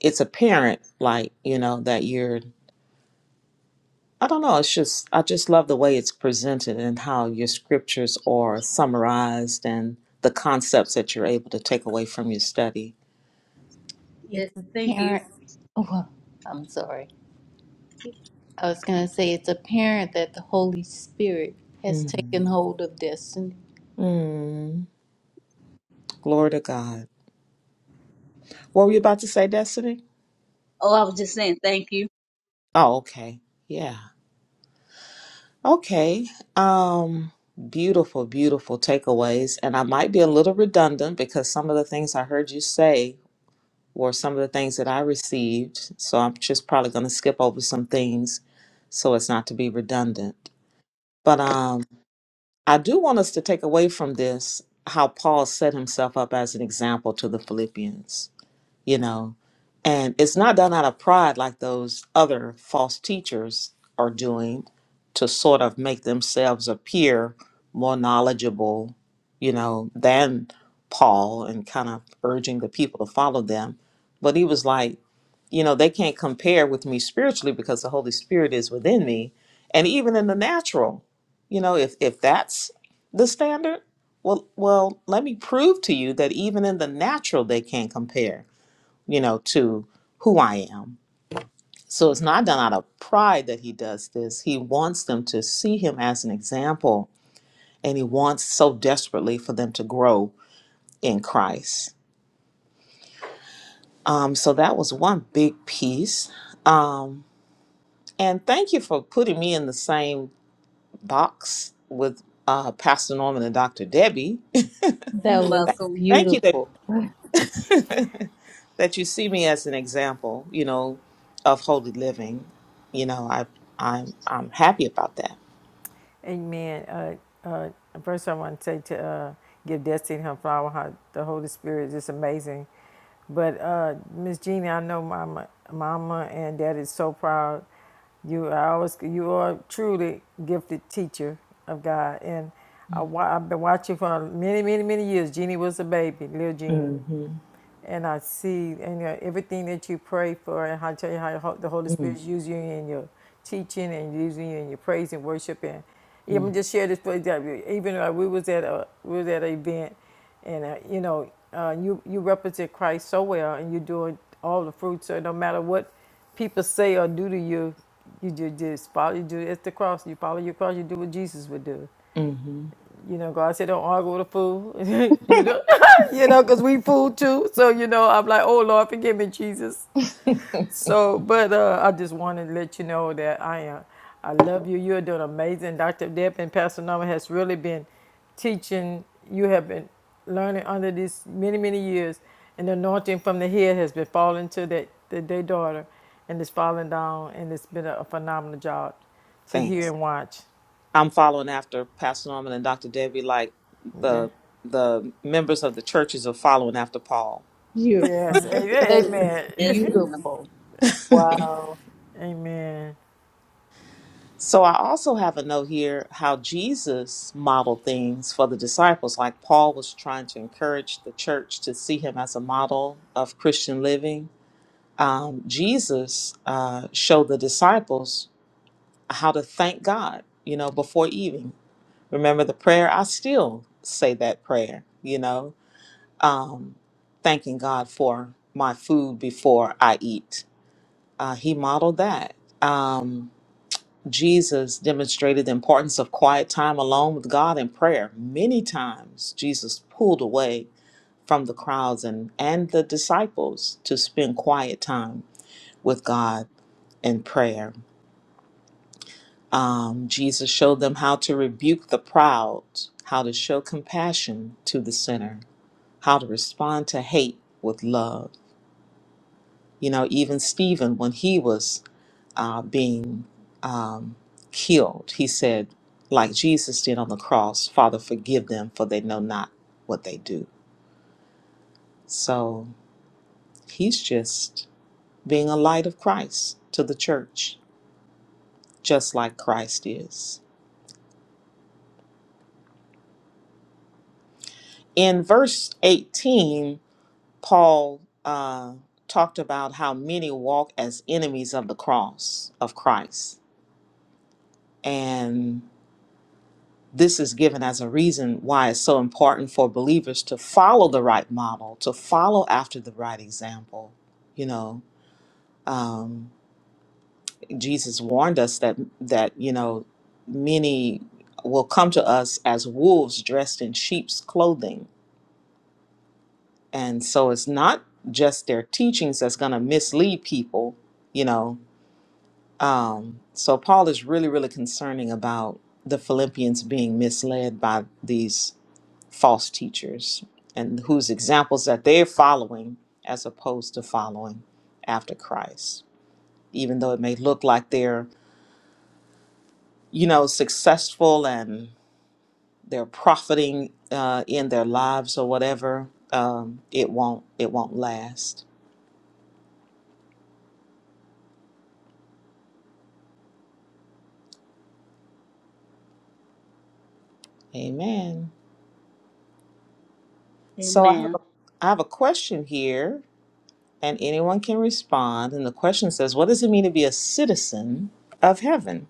Speaker 1: it's apparent, like, you know, that you're, I don't know, it's just, I just love the way it's presented and how your scriptures are summarized and the concepts that you're able to take away from your study.
Speaker 2: yes
Speaker 4: It's
Speaker 2: thank you
Speaker 4: apparent. Oh, well, I'm sorry. I was going to say it's apparent that the Holy Spirit has taken
Speaker 1: Mm.
Speaker 4: hold of destiny.
Speaker 1: Mm. Glory to God. What were you about to say, Destiny?
Speaker 2: Oh, I was just saying thank you.
Speaker 1: Oh, okay. Yeah. Okay. Um beautiful, beautiful takeaways. And I might be a little redundant because some of the things I heard you say were some of the things that I received. So I'm just probably going to skip over some things so as not to be redundant. But um I do want us to take away from this how Paul set himself up as an example to the Philippians you know. And it's not done out of pride like those other false teachers are doing to sort of make themselves appear more knowledgeable, you know, than Paul and kind of urging the people to follow them. But he was like, you know, they can't compare with me spiritually because the Holy Spirit is within me. And even in the natural, you know, if, if that's the standard, well, well, let me prove to you that even in the natural they can't compare you know, to who I am. So it's not done out of pride that he does this. He wants them to see him as an example, and he wants so desperately for them to grow in Christ. Um, so that was one big piece. Um, and thank you for putting me in the same box with uh, Pastor Norman and Dr. Debbie. [laughs]
Speaker 4: That
Speaker 2: You're
Speaker 4: was
Speaker 1: Th-
Speaker 2: welcome.
Speaker 1: Thank you
Speaker 4: beautiful.
Speaker 1: that [laughs] that you see me as an example, you know, of holy living. You know, I I'm I'm happy about that.
Speaker 3: Amen. Uh, uh, first, I want to say to uh, give Destiny her flower. Her, the Holy Spirit is just amazing. But uh, Miss Jeannie, I know Mama, Mama and Daddy is so proud. You are always you are truly gifted teacher of God, and I, I've been watching for many, many, many years. Jeannie was a baby, little Jeannie,
Speaker 1: Mm-hmm.
Speaker 3: and I see and uh, everything that you pray for, and I tell you how the Holy Spirit is
Speaker 1: Mm-hmm.
Speaker 3: using you in your teaching and using you in your praise and worship. And even just share this place that we- even uh, we was at a we was at an event, and uh, you know uh, you you represent Christ so well, and you're doing all the fruits. So no matter what people say or do to you, you just just follow. You do it's the cross. You follow your cross. You do what Jesus would do
Speaker 1: Mm-hmm.
Speaker 3: you know, God said don't argue with a fool. [laughs] you know, [laughs] you know, because we fool too. So you know, I'm like, oh Lord, forgive me, Jesus. So, but uh, I just wanted to let you know that I am. I love you. You're doing amazing. Dr. Deb and Pastor Norman has really been teaching. You have been learning under these many, many years. And the anointing from the head has been falling to that, the their daughter and it's falling down. And it's been a, a phenomenal job to hear
Speaker 1: Thanks.
Speaker 3: and watch.
Speaker 1: I'm following after Pastor Norman and Dr. Debbie, like
Speaker 3: Yeah.
Speaker 1: the the members of the churches are following after Paul.
Speaker 4: You're
Speaker 3: Yes. a-
Speaker 4: fun. That is
Speaker 3: Amen. [laughs]
Speaker 2: Yes, ma'am.
Speaker 4: beautiful. Wow.
Speaker 3: Amen.
Speaker 1: So I also have a note here how Jesus modeled things for the disciples. Like Paul was trying to encourage the church to see him as a model of Christian living. Um, Jesus uh, showed the disciples how to thank God, you know, before eating remember the prayer i still say that prayer you know thanking god for my food before i eat uh, he modeled that um, jesus demonstrated the importance of quiet time alone with god in prayer many times jesus pulled away from the crowds and, and the disciples to spend quiet time with god in prayer um, jesus showed them how to rebuke the proud how to show compassion to the sinner how to respond to hate with love. You know, even Stephen, when he was uh, being um, killed, he said, like Jesus did on the cross, Father, forgive them, for they know not what they do. So he's just being a light of Christ to the church, just like Christ is. In verse 18, Paul uh, talked about how many walk as enemies of the cross of Christ. And this is given as a reason why it's so important for believers to follow the right model, to follow after the right example. You know, um, Jesus warned us that that you know many will come to us as wolves dressed in sheep's clothing, and so it's not just their teachings that's going to mislead people. You know, um, so Paul is really, really concerning about the Philippians being misled by these false teachers and whose examples that they're following as opposed to following after Christ. Even though it may look like they're, you know, successful and they're profiting uh, in their lives or whatever, um, it won't it won't last. Amen. So I have
Speaker 2: Amen.
Speaker 1: a I have a question here, and anyone can respond. And the question says, "What does it mean to be a citizen of heaven?"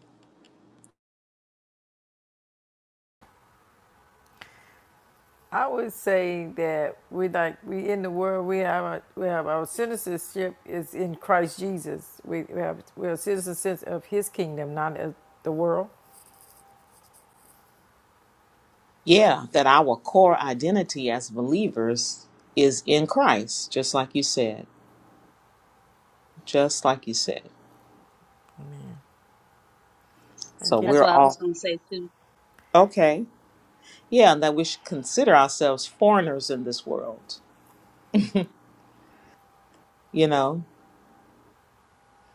Speaker 3: I would say that we like we in the world we have our, we have our citizenship is in Christ Jesus. We, we have we are citizens of His kingdom, not of the world.
Speaker 1: Yeah, that our core identity as believers is in Christ, just like you said. Just like you said.
Speaker 3: Amen. I
Speaker 1: So
Speaker 3: get
Speaker 2: That's
Speaker 1: we're
Speaker 2: what I was
Speaker 1: all
Speaker 2: gonna say too.
Speaker 1: okay. Yeah, and that we should consider ourselves foreigners in this world. [laughs] You know,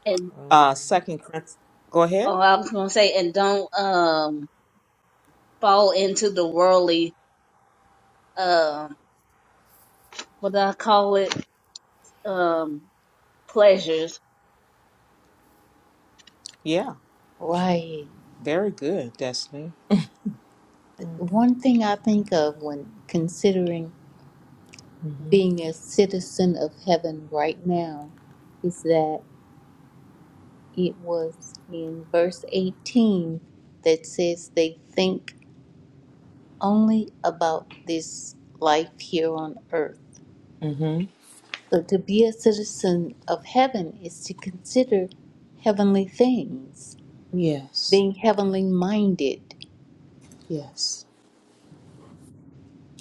Speaker 2: And
Speaker 1: uh, Second Corinthians. Go ahead.
Speaker 2: oh, I was gonna say, and don't um fall into the worldly um what do I call it um pleasures.
Speaker 1: Yeah,
Speaker 4: Right.
Speaker 1: very good, Destiny.
Speaker 4: One thing I think of when considering
Speaker 1: Mm-hmm.
Speaker 4: being a citizen of heaven right now is that it was in verse 18 that says they think only about this life here on earth.
Speaker 1: Mm-hmm.
Speaker 4: So to be a citizen of heaven is to consider heavenly things,
Speaker 1: Yes.
Speaker 4: being heavenly minded.
Speaker 1: Yes.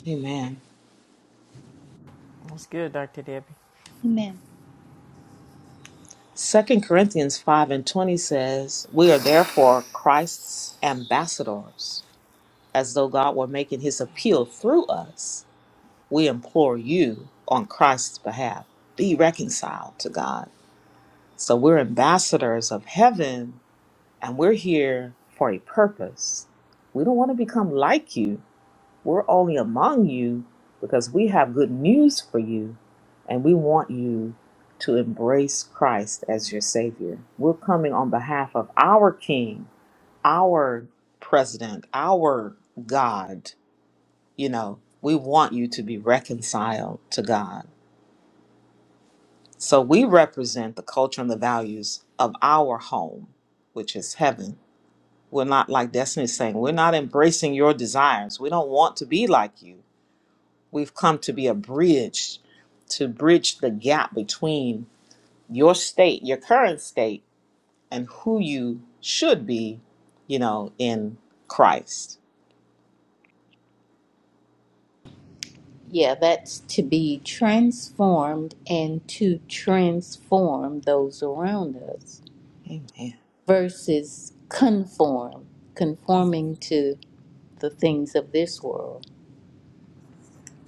Speaker 1: Amen.
Speaker 3: that's good, Doctor Debbie.
Speaker 4: Amen.
Speaker 1: Second Corinthians five and twenty says, "We are therefore Christ's ambassadors." as though God were making his appeal through us, we implore you on Christ's behalf be reconciled to God. So we're ambassadors of heaven and we're here for a purpose. We don't want to become like you. We're only among you because we have good news for you and we want you to embrace Christ as your Savior. We're coming on behalf of our King, our President, our God you know, we want you to be reconciled to God. So we represent the culture and the values of our home, which is heaven. We're not like Destiny's saying, we're not embracing your desires. We don't want to be like you. We've come to be a bridge to bridge the gap between your state, your current state, and who you should be, you know, in Christ.
Speaker 4: Yeah, that's to be transformed and to transform those around us
Speaker 1: Amen.
Speaker 4: versus conform, conforming to the things of this world.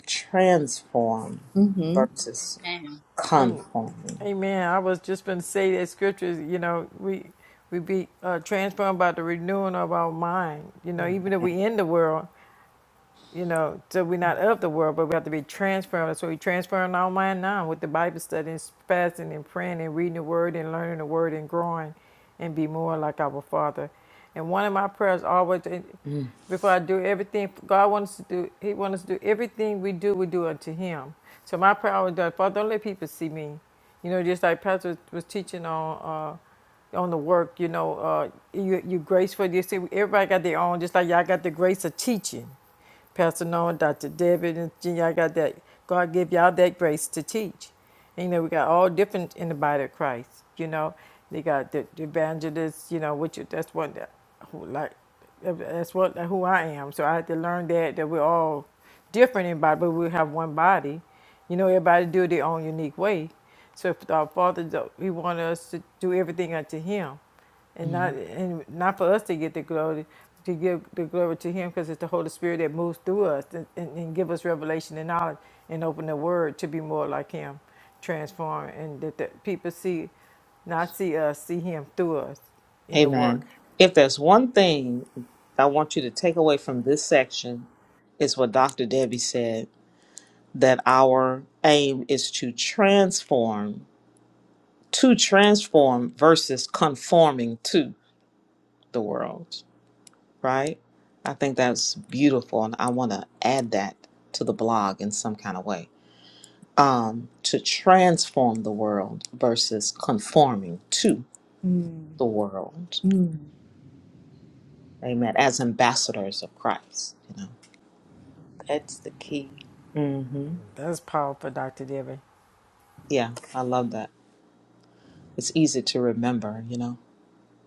Speaker 1: Transform
Speaker 4: Mm-hmm.
Speaker 1: versus
Speaker 2: Amen.
Speaker 3: Amen.
Speaker 1: conforming.
Speaker 3: Amen. I was just going to say that scriptures. You know, we we be uh, transformed by the renewing of our mind. You know, even if we in the world, you know, so we're not of the world, but we have to be transformed. So we transform our mind now with the Bible studies, fasting and praying and reading the word and learning the word and growing and be more like our Father. And one of my prayers always, before I do everything, God wants us to do, He wants us to do everything we do, we do unto Him. So my prayer always does, Father, don't let people see me. You know, just like Pastor was teaching on uh, on the work, you know, uh, you, you graceful. You see, everybody got their own, just like y'all got the grace of teaching. Pastor Noah, Dr. David, and Jean, I got that. God give y'all that grace to teach. And, you know, we got all different in the body of Christ. You know, they got the, the evangelists. You know, which that's what that, who, like that's what who I am. So I had to learn that that we're all different in body, but we have one body. You know, everybody do it their own unique way. So if our Father, do- He want us to do everything unto Him and not
Speaker 1: Mhm.
Speaker 3: and not for us to get the glory to give the glory to him because it's the holy spirit that moves through us and, and, and give us revelation and knowledge and open the word to be more like him transform and that the people see not see us see him through us in the work
Speaker 1: Amen. If there's one thing I want you to take away from this section, is what Dr. Debbie said that our aim is to transform, to transform versus conforming to the world, right? I think that's beautiful. And I want to add that to the blog in some kind of way um, to transform the world versus conforming to the
Speaker 4: Mm-hmm.
Speaker 1: world. Amen. As ambassadors of Christ, you know.
Speaker 4: That's the key.
Speaker 1: Mm-hmm.
Speaker 3: that's powerful dr debbie
Speaker 1: Yeah, I love that. It's easy to remember, you know,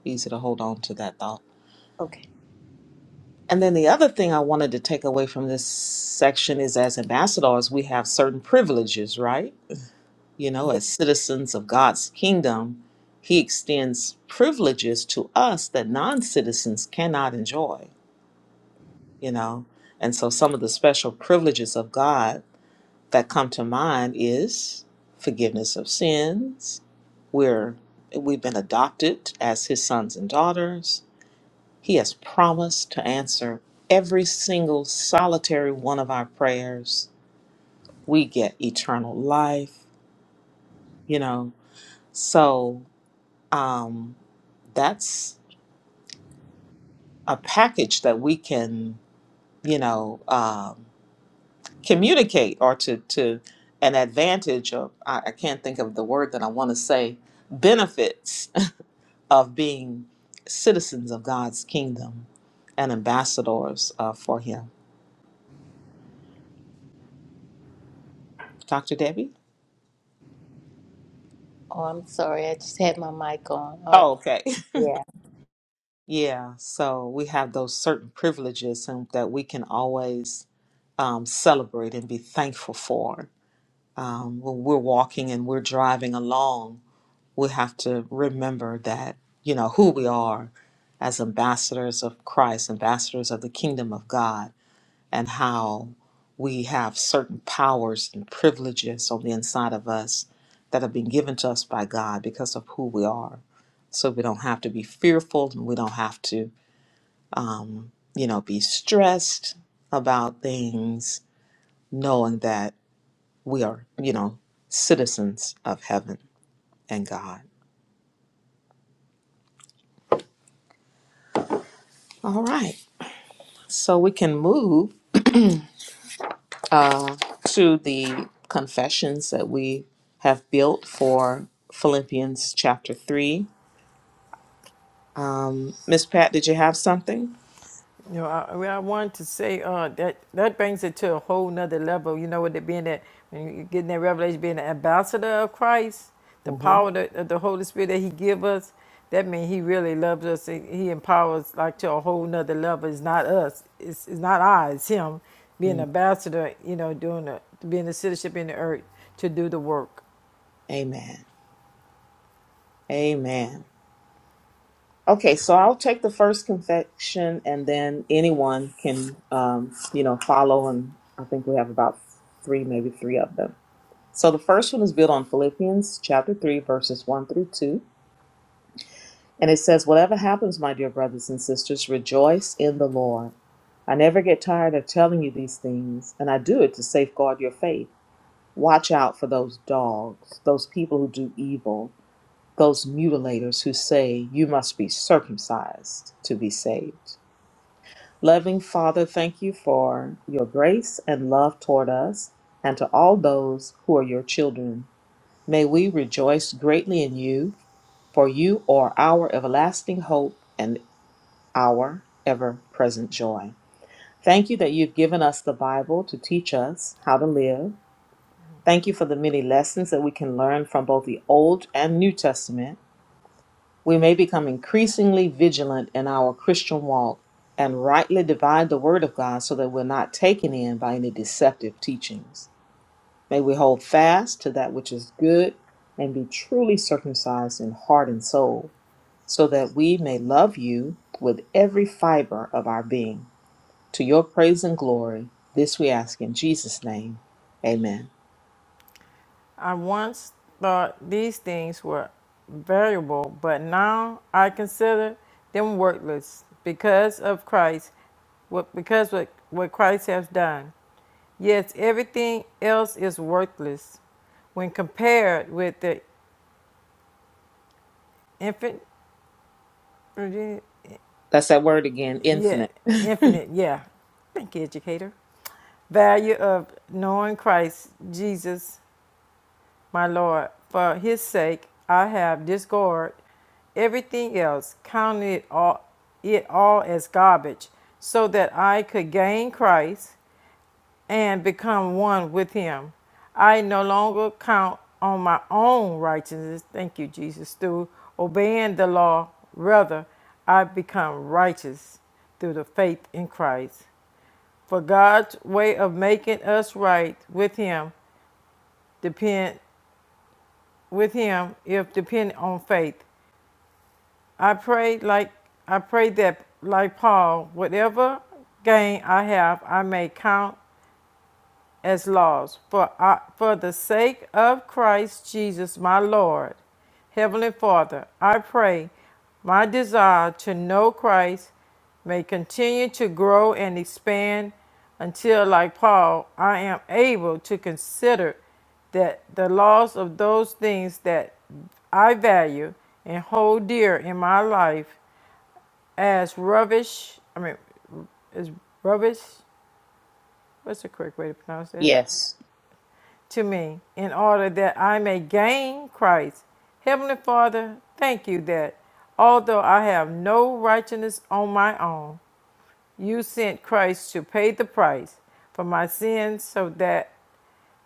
Speaker 1: easy to hold on to that thought.
Speaker 4: Okay.
Speaker 1: And then the other thing I wanted to take away from this section is as ambassadors, we have certain privileges, right? You know,
Speaker 4: Yeah.
Speaker 1: as citizens of God's kingdom, He extends privileges to us that non citizens cannot enjoy, you know. And so some of the special privileges of God that come to mind is forgiveness of sins. We're we've been adopted as his sons and daughters. He has promised to answer every single solitary one of our prayers. We get eternal life, you know. So um, that's a package that we can, you know, um, communicate or to to an advantage of. I, I can't think of the word that I want to say benefits of being citizens of God's kingdom and ambassadors uh, for Him. Dr. Debbie?
Speaker 4: Oh, I'm sorry. I just had my mic on. Oh,
Speaker 1: Oh, okay. [laughs]
Speaker 4: yeah.
Speaker 1: Yeah, so we have those certain privileges and that we can always um, celebrate and be thankful for. Um, when we're walking and we're driving along, we have to remember that, you know, who we are as ambassadors of Christ, ambassadors of the kingdom of God. and how we have certain powers and privileges on the inside of us that have been given to us by God because of who we are. So we don't have to be fearful and we don't have to, you know, be stressed about things, knowing that we are, you know, citizens of heaven and God. All right. So we can move uh, to the confessions that we have built for Philippians chapter 3 Um, Miss Pat, did you have something?
Speaker 3: You know, I, well, I wanted to say uh, that that brings it to a whole nother level. You know, with it being that when you're getting that revelation, being an ambassador of Christ, the power
Speaker 1: Mm-hmm.
Speaker 3: that, of the Holy Spirit that He give us, that means He really loves us. And he empowers like to a whole nother level. It's not us. It's, it's not I. It's Him being an
Speaker 1: Mm,
Speaker 3: ambassador. You know, doing the, being a citizenship in the earth to do the work.
Speaker 1: Amen. Amen. Okay, so I'll take the first confession, and then anyone can, um, you know, follow. And I think we have about three, maybe three of them. So the first one is built on Philippians chapter three, verses one through two, and it says, "Whatever happens, my dear brothers and sisters, rejoice in the Lord." I never get tired of telling you these things, and I do it to safeguard your faith. Watch out for those dogs, those people who do evil, those mutilators who say you must be circumcised to be saved. Loving Father, thank you for your grace and love toward us and to all those who are your children. May we rejoice greatly in you, for you are our everlasting hope and our ever present joy. Thank you that you've given us the Bible to teach us how to live Thank you for the many lessons that we can learn from both the Old and New Testament. We may become increasingly vigilant in our Christian walk and rightly divide the Word of God so that we're not taken in by any deceptive teachings. May we hold fast to that which is good and be truly circumcised in heart and soul, so that we may love you with every fiber of our being. To your praise and glory, this we ask in Jesus' name. Amen.
Speaker 3: I once thought these things were valuable, but now I consider them worthless because of Christ, what because what, what Christ has done. Yes, everything else is worthless when compared with the infinite,
Speaker 1: That's that word again,
Speaker 3: yeah,
Speaker 1: infinite. [laughs]
Speaker 3: infinite, yeah, thank you, educator, value of knowing Christ Jesus My Lord, for his sake I have discarded everything else, counting it all, it all as garbage, so that I could gain Christ and become one with him. I no longer count on my own righteousness, thank you, Jesus, through obeying the law. Rather, I become righteous through the faith in Christ. For God's way of making us right with him depends with him if dependent on faith. I prayed like I prayed that like Paul, whatever gain I have, I may count as laws for, I, for the sake of Christ Jesus, my Lord. Heavenly Father, I pray my desire to know Christ may continue to grow and expand until, like Paul, I am able to consider that the loss of those things that I value and hold dear in my life as rubbish, I mean, is rubbish, what's the correct way to pronounce that?
Speaker 1: yes.
Speaker 3: to me in order that I may gain Christ. Heavenly Father, thank you that although I have no righteousness on my own, you sent Christ to pay the price for my sins so that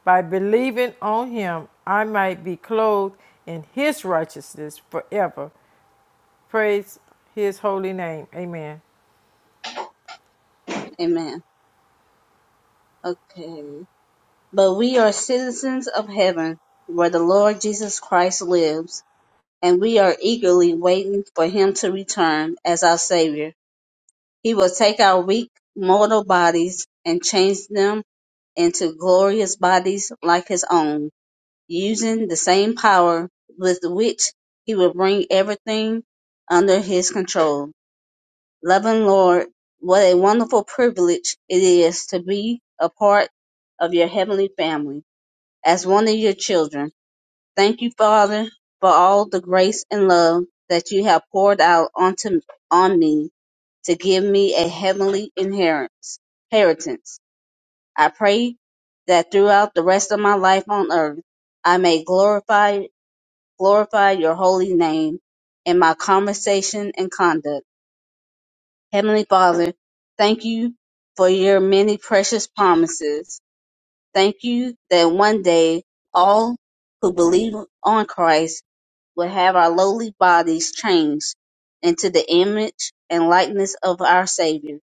Speaker 3: by believing on him I might be clothed in his righteousness forever. Praise his holy name. Amen.
Speaker 2: Amen. Okay. But we are citizens of heaven, where the Lord Jesus Christ lives, and we are eagerly waiting for Him to return as our Savior. He will take our weak mortal bodies and change them into glorious bodies like his own, using the same power with which he will bring everything under his control. Loving Lord, what a wonderful privilege it is to be a part of your heavenly family as one of your children. Thank you, Father, for all the grace and love that you have poured out onto on me to give me a heavenly inheritance. I pray that throughout the rest of my life on earth, I may glorify, glorify your holy name in my conversation and conduct. Heavenly Father, thank you for your many precious promises. Thank you that one day all who believe on Christ will have our lowly bodies changed into the image and likeness of our Savior.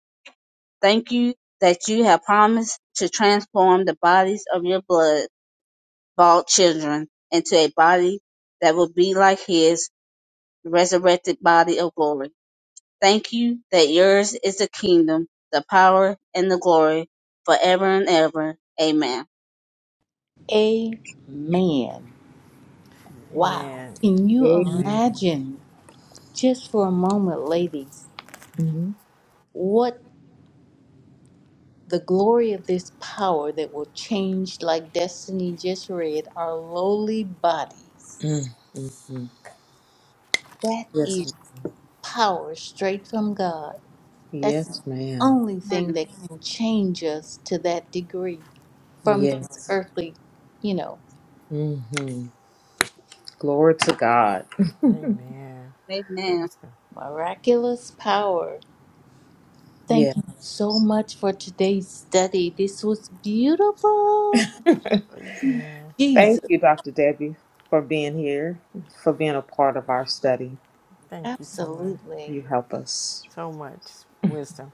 Speaker 2: Thank you that you have promised to transform the bodies of your blood bald children into a body that will be like his resurrected body of glory. Thank you that yours is the kingdom, the power, and the glory forever and ever. Amen.
Speaker 4: Amen. Wow.
Speaker 3: Amen.
Speaker 4: Can you
Speaker 1: Amen.
Speaker 4: imagine, just for a moment, ladies,
Speaker 1: hmm
Speaker 4: what The glory of this power that will change, like Destiny just read, our lowly bodies.
Speaker 1: Mm-hmm.
Speaker 4: That
Speaker 1: Yes.
Speaker 4: is power straight from God.
Speaker 1: ma'am.
Speaker 4: That's the
Speaker 1: Yes, ma'am.
Speaker 4: only thing
Speaker 2: Amen.
Speaker 4: that can change us to that degree from this
Speaker 1: Yes.
Speaker 4: earthly, you know,
Speaker 1: hmm Glory to God.
Speaker 3: Amen. That
Speaker 2: Amen.
Speaker 3: was good.
Speaker 4: miraculous power.
Speaker 1: Yeah.
Speaker 4: Thank you so much for today's study. This was beautiful.
Speaker 1: [laughs] Thank
Speaker 3: Amen.
Speaker 4: Jesus,
Speaker 1: you, Dr. Debbie, for being here, for being a part of our study.
Speaker 3: Thank you so much.
Speaker 4: absolutely.
Speaker 1: You help us.
Speaker 3: So much wisdom.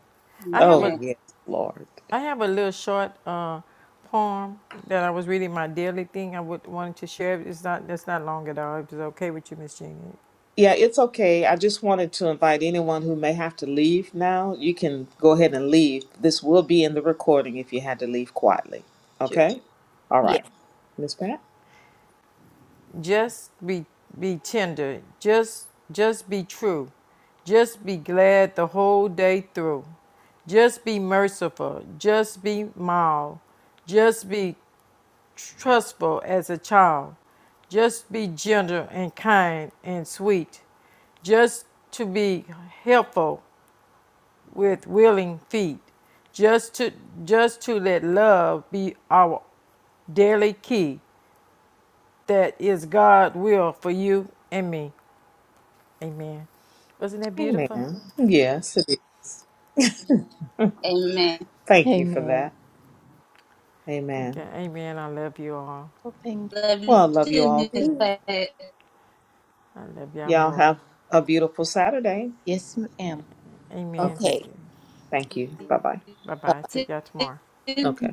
Speaker 3: I have
Speaker 1: Oh,
Speaker 3: a
Speaker 2: Amen.
Speaker 1: yes, Lord.
Speaker 3: I have a little short uh, poem that I was reading my daily thing. I would wanted to share. It's not that's not long at all. If it's okay with you, Miss Jeannie.
Speaker 1: Yeah, it's okay. I just wanted to invite anyone who may have to leave now. You can go ahead and leave. This will be in the recording if you had to leave quietly.
Speaker 4: Sure.
Speaker 1: Okay? All
Speaker 4: Yeah.
Speaker 1: right. Miss Pat?
Speaker 3: Just be be tender. Just just be true. Just be glad the whole day through. Just be merciful. Just be mild. Just be trustful as a child. Just be gentle and kind and sweet. Just to be helpful with willing feet, just to just to let love be our daily key. That is God's will for you and me. Amen. Wasn't that
Speaker 1: Amen.
Speaker 3: beautiful?
Speaker 1: Yes, it is.
Speaker 2: Amen.
Speaker 1: [laughs] Thank you for
Speaker 4: Amen.
Speaker 1: that.
Speaker 3: Thank you.
Speaker 1: Amen.
Speaker 3: Amen. I love you all.
Speaker 4: Well, thank
Speaker 2: Love you
Speaker 1: Well, I love you all
Speaker 2: too, Miss
Speaker 4: you.
Speaker 1: too.
Speaker 2: Pat.
Speaker 3: I love y'all
Speaker 1: Y'all
Speaker 3: more.
Speaker 1: have a beautiful Saturday.
Speaker 4: Yes, ma'am.
Speaker 3: Amen.
Speaker 1: Okay.
Speaker 4: Okay.
Speaker 1: Thank you. Bye bye.
Speaker 3: Bye
Speaker 4: Uh,
Speaker 3: bye. See y'all tomorrow.
Speaker 1: Okay.